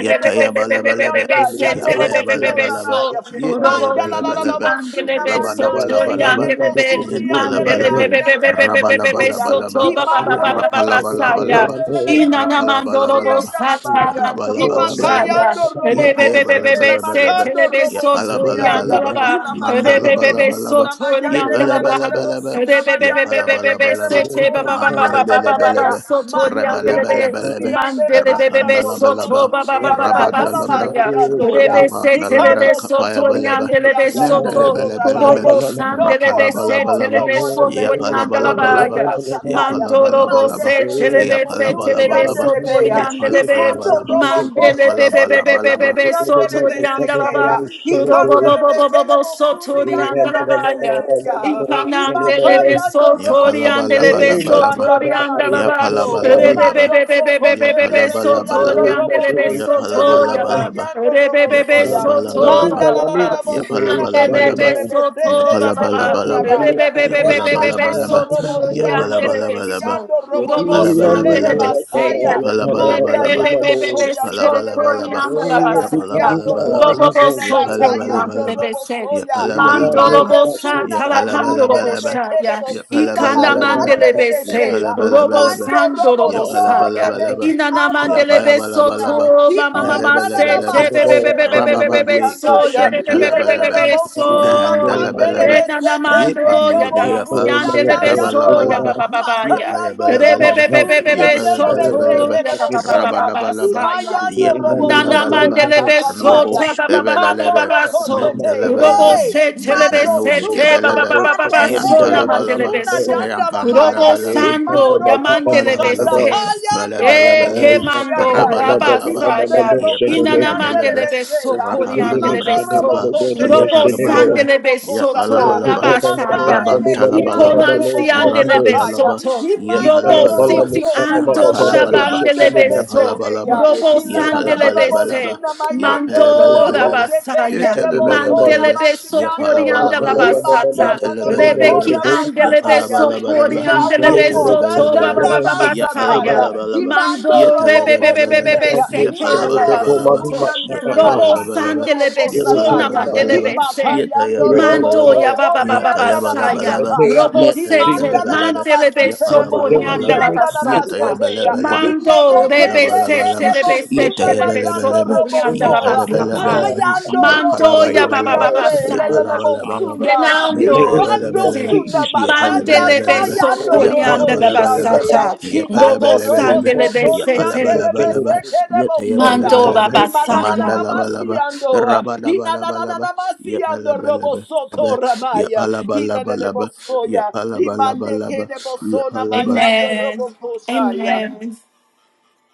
Speaker 3: Yatayabalabalaba, Yapayabalabalaba,
Speaker 2: Yandolobosoramaya.
Speaker 3: Yitayabalabalaba,
Speaker 2: Mandalalabosuna mayande
Speaker 3: Rabalabalabalaba, Niantalabalaba,
Speaker 2: endelbosuriandelebaniandolobosoya.
Speaker 3: Rabalabalabalaba, Rapalabalabalaba,
Speaker 1: Inana Mandorobo
Speaker 3: Rapalabalabalaba,
Speaker 1: Sata
Speaker 2: Himandorobosuyandelelemosuriandalabaya.
Speaker 1: Mandorobo
Speaker 3: Rabalabalabalaba,
Speaker 1: Shaya.
Speaker 2: Himakayando robokosetela
Speaker 1: Rebebebebebe se
Speaker 3: Yepayabalabalabalaba,
Speaker 2: makando
Speaker 1: telebe sotori
Speaker 2: robosuriaya.
Speaker 3: Yapalabalabalaba,
Speaker 1: andalaba.
Speaker 2: Hilamakando
Speaker 1: Rebebebe
Speaker 3: Mandalabalabalaba,
Speaker 2: robosuna
Speaker 1: sotori
Speaker 2: mayande
Speaker 1: andalaba.
Speaker 3: Yepalabalabalaba,
Speaker 2: lelelelebosuna mayande
Speaker 1: Rebebebebebe se
Speaker 3: Yapalabalabalaba,
Speaker 1: te ba
Speaker 3: Mandelebelebelebe,
Speaker 2: lebekelebosona
Speaker 1: ba ba ba
Speaker 2: mayande.
Speaker 1: ba ba ba ba ba
Speaker 2: Andelebeya,
Speaker 1: sotori
Speaker 2: Mando Dobo
Speaker 1: andelebe.
Speaker 4: you.
Speaker 3: Rabalabalabalebe,
Speaker 2: suriande le
Speaker 1: Mandelebebebe
Speaker 2: Machando Robo
Speaker 1: soto
Speaker 3: Rapandalabalaba,
Speaker 1: ba ba ba ba
Speaker 4: Sanima,
Speaker 2: Surianda
Speaker 1: ba ba
Speaker 3: Rabandalabra,
Speaker 1: saya.
Speaker 2: Yalamasiandoya
Speaker 1: Rebe se
Speaker 3: Rapapandalabra,
Speaker 1: telebe
Speaker 2: Hikando
Speaker 1: sotori
Speaker 3: Kapayabalaba,
Speaker 2: Sotoreke
Speaker 3: Mandalabalabalaba, Rapalabalabalaba, Yapalabalabalaba,
Speaker 1: andelebe
Speaker 2: Yanda Rabo
Speaker 3: Mandele
Speaker 1: soto.
Speaker 3: bele bele be, rebele bele bele be, rapanda la bala ba, rabanda la bra, rapapa na la bra, kapaya bele be, mendele bele bele be,
Speaker 2: Sorabaya
Speaker 1: Kurobo
Speaker 2: No more,
Speaker 3: rapala
Speaker 1: sandelebe
Speaker 2: no
Speaker 3: bala
Speaker 1: se
Speaker 2: more,
Speaker 3: bala ba,
Speaker 2: no
Speaker 1: telebe
Speaker 2: more
Speaker 1: so
Speaker 2: delay
Speaker 3: yapala bala
Speaker 2: Mando Robo
Speaker 3: bala
Speaker 1: koriandelabaya.
Speaker 3: Ya
Speaker 2: Koshataya
Speaker 1: Mandorobo se
Speaker 3: palabalabalaba.
Speaker 2: Mandelebe
Speaker 3: Ya
Speaker 1: telebe
Speaker 2: Kedebo
Speaker 1: se telebe
Speaker 3: palabalabalaba.
Speaker 1: so
Speaker 2: Suriandelebeya
Speaker 3: Ya
Speaker 1: koriandelebe.
Speaker 2: Hikando
Speaker 3: palabalabalaba.
Speaker 2: Robo
Speaker 3: Ya
Speaker 1: Mandelebe
Speaker 2: kosete
Speaker 1: be
Speaker 2: de
Speaker 1: be be
Speaker 2: bo
Speaker 1: be be
Speaker 3: palabalabalaba.
Speaker 1: be so
Speaker 2: kuriande de
Speaker 1: toriandelaba.
Speaker 2: besekeya.
Speaker 1: Kurobo
Speaker 2: Hikande
Speaker 1: bo
Speaker 2: le Kuriandelebe Sekeya
Speaker 1: bo
Speaker 2: Hikandelebe
Speaker 1: bo bo bo
Speaker 2: Kelebo
Speaker 1: so toriandelabaya.
Speaker 2: Suriandelebe
Speaker 1: Ikamandelebe
Speaker 2: Sekeya Mando
Speaker 1: so
Speaker 3: Ya
Speaker 2: robo
Speaker 3: palaba
Speaker 2: koshe
Speaker 3: laba
Speaker 1: toriandelebe
Speaker 3: laba
Speaker 2: teki
Speaker 1: so
Speaker 3: laba.
Speaker 2: anda ramasi
Speaker 3: Ya
Speaker 1: toriandelaba.
Speaker 3: palaba laba
Speaker 1: Rebe be
Speaker 3: laba.
Speaker 2: Mando
Speaker 1: be be
Speaker 2: so
Speaker 1: be be be
Speaker 3: Ya
Speaker 2: koshe
Speaker 1: be be
Speaker 3: palaba
Speaker 1: so
Speaker 2: debeki
Speaker 3: laba
Speaker 2: ando
Speaker 3: laba.
Speaker 2: robo
Speaker 1: toriandelebe
Speaker 3: Ya
Speaker 2: koshe
Speaker 1: so
Speaker 2: tele
Speaker 3: palaba laba
Speaker 1: toriaba.
Speaker 3: laba.
Speaker 1: Rebe be
Speaker 3: Ya
Speaker 1: be so
Speaker 3: palaba laba
Speaker 1: to ba
Speaker 3: laba.
Speaker 2: Manda
Speaker 1: ba
Speaker 2: la
Speaker 1: ba
Speaker 2: la la la
Speaker 1: ba.
Speaker 3: Ya
Speaker 2: bosuna
Speaker 3: palaba laba
Speaker 1: Andelebe
Speaker 3: laba.
Speaker 2: mayandele
Speaker 3: Ya
Speaker 2: besete
Speaker 1: soto
Speaker 2: le
Speaker 3: palaba laba
Speaker 1: baba.
Speaker 2: boko
Speaker 4: Thank
Speaker 3: laba.
Speaker 2: rabaya.
Speaker 3: Ya
Speaker 2: Tele
Speaker 3: palaba laba
Speaker 1: Rebebebebebebe
Speaker 2: makando
Speaker 3: laba.
Speaker 2: robo
Speaker 1: soto
Speaker 3: Ya
Speaker 1: di
Speaker 3: palaba
Speaker 2: shandele
Speaker 3: laba
Speaker 1: andelebe
Speaker 2: beki
Speaker 3: laba.
Speaker 1: so.
Speaker 2: ando
Speaker 3: Ya
Speaker 2: robo
Speaker 1: Urobo
Speaker 3: palaba laba
Speaker 2: tele
Speaker 3: laba.
Speaker 1: sandelebe
Speaker 3: Ya
Speaker 2: basaya.
Speaker 1: seya.
Speaker 3: palaba laba
Speaker 2: Manda
Speaker 3: laba.
Speaker 2: yando
Speaker 3: Ya
Speaker 1: Rebebebebebebe
Speaker 3: palaba
Speaker 2: koyandele de de
Speaker 3: laba
Speaker 1: soto
Speaker 2: de
Speaker 1: di
Speaker 3: laba.
Speaker 2: boso
Speaker 1: andelebe
Speaker 3: Ya
Speaker 2: rabasi
Speaker 3: palaba
Speaker 1: sata.
Speaker 3: laba laba.
Speaker 2: koshe
Speaker 1: Urobo
Speaker 2: tele
Speaker 3: Ya palaba
Speaker 1: soto di
Speaker 2: bakaya
Speaker 3: laba
Speaker 2: ando
Speaker 3: laba.
Speaker 1: andelebe
Speaker 3: Ya
Speaker 1: set.
Speaker 3: palaba laba laba.
Speaker 2: Himando
Speaker 1: Bandorobosa
Speaker 2: Suna
Speaker 3: Ya palaba laba
Speaker 2: mayandele
Speaker 3: laba.
Speaker 1: talapandorobosa
Speaker 2: mekere
Speaker 1: ya
Speaker 2: bosuna
Speaker 1: ikana
Speaker 3: Yapalabalaba.
Speaker 2: makandele
Speaker 1: mandelebese
Speaker 2: beseya.
Speaker 3: Yapalabalabalaba.
Speaker 2: Mando robo
Speaker 1: robosandorobosa
Speaker 2: shore
Speaker 1: ya
Speaker 2: beki
Speaker 3: Yapalabalabalaba.
Speaker 1: inana
Speaker 2: ando robo
Speaker 1: mandelebeso
Speaker 2: sona.
Speaker 3: Yapalabalabalaba.
Speaker 1: to mama mama
Speaker 2: Imanda na
Speaker 1: se
Speaker 2: na
Speaker 3: Melebelebelebe.
Speaker 1: te be
Speaker 2: masete
Speaker 1: be be
Speaker 2: de
Speaker 1: be be be be be
Speaker 2: bokuri
Speaker 1: be
Speaker 3: Rababandi
Speaker 1: so
Speaker 2: andaya.
Speaker 1: ye be be be be be be
Speaker 3: kushantalabalaba.
Speaker 2: Ilelele
Speaker 1: be
Speaker 2: bosuna
Speaker 1: so
Speaker 2: makandele
Speaker 3: Mehandalabalaba.
Speaker 1: Enana
Speaker 2: besete
Speaker 1: mando
Speaker 2: kendo
Speaker 1: ya
Speaker 3: Yepandilibriyapa.
Speaker 2: bosuri
Speaker 1: daranciandelebeso ya
Speaker 2: andayandoa.
Speaker 1: ba
Speaker 3: Rabalabalaba.
Speaker 1: ba ba ba ya
Speaker 2: Makayando
Speaker 1: be be be
Speaker 2: robo
Speaker 3: Yapayabalabalaba.
Speaker 1: be be
Speaker 2: suri
Speaker 1: be be
Speaker 2: andele
Speaker 1: so
Speaker 3: Yabalabalaba.
Speaker 1: to ya
Speaker 2: besekere
Speaker 1: ba ba
Speaker 4: you.
Speaker 1: ba ba ba
Speaker 2: bosoya.
Speaker 1: ba
Speaker 3: Rabalabalaba.
Speaker 1: sa ya
Speaker 4: Thank
Speaker 2: Imayando
Speaker 4: you.
Speaker 2: robo
Speaker 1: Nana
Speaker 2: soto
Speaker 3: Yapandalabalaba,
Speaker 1: mandelebe so
Speaker 2: rabasataya.
Speaker 1: te
Speaker 3: Rubos
Speaker 1: ba ba ba ba ba ba
Speaker 3: Bevelebe,
Speaker 1: ba
Speaker 2: Ikando
Speaker 1: so.
Speaker 2: shete.
Speaker 3: Mendalabelebe,
Speaker 1: Urobo
Speaker 2: Hey,
Speaker 1: se telebe
Speaker 2: mando
Speaker 1: se
Speaker 3: Lepanos
Speaker 2: suna
Speaker 1: te ba ba
Speaker 3: Gebelebe,
Speaker 1: ba ba ba
Speaker 2: makande
Speaker 1: ba so na
Speaker 2: edebo
Speaker 3: Miantalabalaba,
Speaker 1: mandelebe
Speaker 2: suna
Speaker 1: so.
Speaker 2: yanda la maya.
Speaker 1: Urobo
Speaker 3: Yampandalabalaba,
Speaker 1: sando
Speaker 2: Imando
Speaker 1: ya
Speaker 2: robo
Speaker 1: mandelebe
Speaker 2: sanda
Speaker 3: Palabalaba,
Speaker 1: se.
Speaker 2: payando robo
Speaker 3: falabalabalaba,
Speaker 1: Eke mando
Speaker 2: suriandaya.
Speaker 3: rabalabalaba,
Speaker 2: Imando
Speaker 1: rabasaya.
Speaker 2: rebo
Speaker 1: Inana
Speaker 2: beseya.
Speaker 3: yepandalabalaba,
Speaker 1: mandelebe so
Speaker 2: rebeseya.
Speaker 1: kori
Speaker 2: mando
Speaker 1: andelebe
Speaker 3: rapandalabra
Speaker 2: robo
Speaker 3: kapa,
Speaker 1: so.
Speaker 2: kosete
Speaker 1: Urobo
Speaker 2: kiando
Speaker 3: yepalabalaba,
Speaker 2: robo
Speaker 1: sandelebe so to
Speaker 2: kosata.
Speaker 3: yepalabalaba,
Speaker 2: He
Speaker 1: rabasaya.
Speaker 2: makarebe kiando
Speaker 3: rabantalabalaba,
Speaker 2: robo
Speaker 1: Itonansi andelebe
Speaker 3: rapandalaba,
Speaker 2: kosataya.
Speaker 1: soto.
Speaker 2: Imando
Speaker 1: Robo
Speaker 3: yepalabalaba,
Speaker 2: robo
Speaker 1: siti
Speaker 2: sona
Speaker 1: ando
Speaker 2: nanamaki
Speaker 3: rapalabalaba,
Speaker 2: ande
Speaker 1: shabandelebe so.
Speaker 3: yepalabalaba,
Speaker 2: rebeseteya.
Speaker 1: Robo
Speaker 2: Ilana la la la la
Speaker 1: sandelebe
Speaker 2: robo
Speaker 3: yepalabalabalaba,
Speaker 1: se.
Speaker 2: suna maya yando robo
Speaker 1: Mando
Speaker 3: yepalabalabalaba.
Speaker 2: koshe teke
Speaker 1: rabasaya.
Speaker 2: debo sona
Speaker 3: Yetelebelebelebe,
Speaker 1: Mandelebe so
Speaker 2: masiyando.
Speaker 4: Thank
Speaker 1: korianda
Speaker 3: yepalabalabalaba,
Speaker 2: Imanda na debo
Speaker 3: yetelebelebelebe,
Speaker 1: Rebeki
Speaker 2: kora
Speaker 1: andelebe
Speaker 2: masataya.
Speaker 1: so
Speaker 2: It
Speaker 3: yepalabalabalaba,
Speaker 2: shall come
Speaker 1: koriandelebe
Speaker 2: forth.
Speaker 1: so to
Speaker 3: yetelebelebelebe,
Speaker 2: Andanda basataya.
Speaker 1: babababasaya.
Speaker 3: yepalabalabalaba,
Speaker 2: Imando
Speaker 1: Mando
Speaker 2: robo koshe
Speaker 3: yetelebelebelebe,
Speaker 1: rebebebebebe seke
Speaker 2: Mando
Speaker 3: yepalabalabalaba,
Speaker 1: bababasoto.
Speaker 2: sukuya ndele
Speaker 1: Robo
Speaker 3: yepalabalabalaba,
Speaker 2: matando
Speaker 1: sandelebe so
Speaker 2: Sataya,
Speaker 3: yepalabalabalaba,
Speaker 1: namadelebe se.
Speaker 2: Himakayando Robo
Speaker 1: Mando
Speaker 3: yeteyebelebelebe,
Speaker 1: ya baba baba
Speaker 2: Sotorianda
Speaker 1: basaya,
Speaker 3: yeteyebelebelebe,
Speaker 2: Namasataya,
Speaker 1: robo sete,
Speaker 2: Himanda
Speaker 4: Jesus.
Speaker 3: yeteyebelebelebe,
Speaker 1: mande lebe
Speaker 4: We call
Speaker 2: Nanamasete
Speaker 4: man,
Speaker 1: soforianda
Speaker 3: yepalabalabalaba,
Speaker 1: la
Speaker 2: Mokurianda
Speaker 1: basata,
Speaker 2: Namasetea,
Speaker 3: yeteyebelebelebe,
Speaker 1: mando rebe
Speaker 2: Hilemekende
Speaker 1: sete
Speaker 3: yepalabalabalaba,
Speaker 1: lebe
Speaker 2: Edebosuna
Speaker 1: sete lebe
Speaker 2: Bayando
Speaker 3: yeteyebelebelebe,
Speaker 2: Robo
Speaker 1: soforianda la
Speaker 2: Soa,
Speaker 1: basata,
Speaker 3: yepelebelebelebe,
Speaker 2: Payando
Speaker 3: Ya
Speaker 2: Robo
Speaker 1: mando
Speaker 3: palaba
Speaker 4: by the
Speaker 1: ya
Speaker 3: laba
Speaker 1: baba
Speaker 3: laba,
Speaker 4: power
Speaker 1: baba
Speaker 4: of of the the
Speaker 2: Suriande
Speaker 3: ya
Speaker 1: basaya,
Speaker 3: palaba laba laba,
Speaker 2: Lelemosuya,
Speaker 4: in the
Speaker 3: ya
Speaker 1: renando
Speaker 3: tayaba
Speaker 1: rebe
Speaker 4: name
Speaker 3: laba
Speaker 4: of
Speaker 2: Himando
Speaker 3: laba,
Speaker 1: sete,
Speaker 2: Sunda
Speaker 3: ya
Speaker 4: Jesus,
Speaker 3: palaba
Speaker 2: makanda
Speaker 1: Bandele
Speaker 3: laba laba,
Speaker 4: we
Speaker 1: beso
Speaker 2: sayando
Speaker 3: ya
Speaker 4: second
Speaker 2: roko
Speaker 1: corianda
Speaker 3: palaba
Speaker 1: la
Speaker 3: laba laba,
Speaker 2: siandea.
Speaker 1: basata,
Speaker 4: one
Speaker 3: ya palaba
Speaker 2: Imando
Speaker 1: robo
Speaker 3: laba
Speaker 4: We
Speaker 2: robo
Speaker 3: laba,
Speaker 4: make
Speaker 1: sandele
Speaker 4: this
Speaker 3: ya
Speaker 4: simple
Speaker 2: sotoriande
Speaker 4: make
Speaker 1: besete,
Speaker 2: de
Speaker 4: gentle
Speaker 3: palaba laba laba,
Speaker 4: heart.
Speaker 2: meseke
Speaker 3: ya Yapalabalabalaba, yapalabalabalaba, yatayabalabalaba, yapalabalabalaba, yapalabalabalaba, ya yapalabalabalaba,
Speaker 2: de
Speaker 4: It was
Speaker 2: bosoya.
Speaker 4: not
Speaker 1: mandora
Speaker 3: yatayabalabalaba,
Speaker 4: called something
Speaker 2: Imananana
Speaker 1: basaya.
Speaker 3: mandalabalaba,
Speaker 2: masiando.
Speaker 3: rabalabalabalaba,
Speaker 2: Inanana masiando robo
Speaker 3: yapalabalaba.
Speaker 2: sotoramaya. Ilanele
Speaker 3: Yapalabalabalaba,
Speaker 2: bosoya. Imande
Speaker 3: yapalabalabalaba,
Speaker 2: ke de bosona
Speaker 3: yapalabal,
Speaker 2: mayando robo
Speaker 1: Amen.
Speaker 2: kosaya.
Speaker 1: Amen.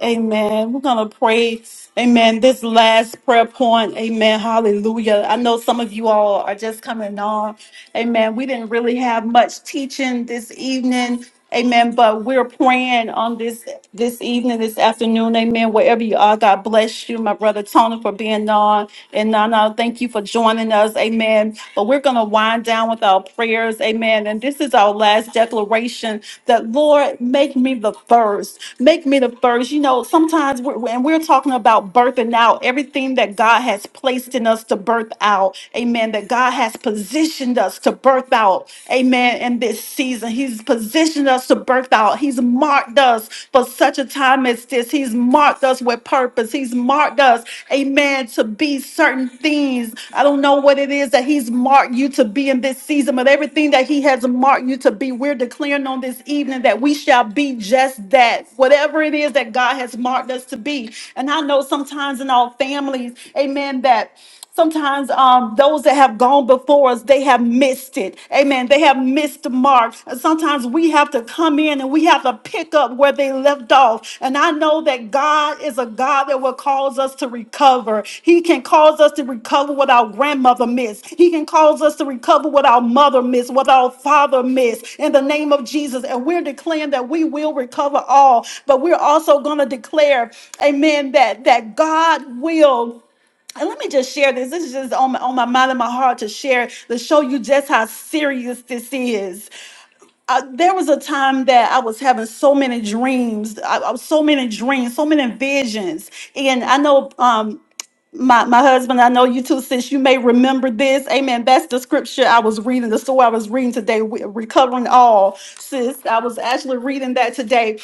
Speaker 1: Amen. We're going to pray. Amen. This last prayer point. Amen. Hallelujah. I know some of you all are just coming on. Amen. We didn't really have much teaching this evening. Amen. But we're praying on this this evening, this afternoon. Amen. Wherever you are, God bless you, my brother Tony, for being on. And Nana, thank you for joining us. Amen. But we're going to wind down with our our prayers. Amen. And this is our last declaration that, Lord, make me the first. Make me the first. You know, sometimes we're, when we're talking about birthing out everything that God has placed in us to birth out. Amen. That God has positioned us to birth out. Amen. In this season, He's positioned us to birth out. He's marked us for such a time as this. He's marked us with purpose purpose. He's marked us, amen, to be certain things. I don't know what it is that He's marked you to be in this season, but everything that He has marked you to be, we're declaring on this evening that we shall be just that, whatever it is that God has marked us to be. And I know sometimes in our families, amen, that. Sometimes um, those that have gone before us, they have missed it. Amen. They have missed the mark. And Sometimes we have to come in and we have to pick up where they left off. And I know that God is a God that will cause us to recover. He can cause us to recover what our grandmother missed. He can cause us to recover what our mother missed, what our father missed. In the name of Jesus. And we're declaring that we will recover all. But we're also going to declare, amen, that, that God will. And let me just share this. This is just on my, on my mind and my heart to share to show you just how serious this is. Uh, there was a time that I was having so many dreams, I, I was so many dreams, so many visions, and I know. Um, my my husband, I know you too, since you may remember this. Amen. That's the scripture I was reading, the story I was reading today, we- recovering all. Sis, I was actually reading that today.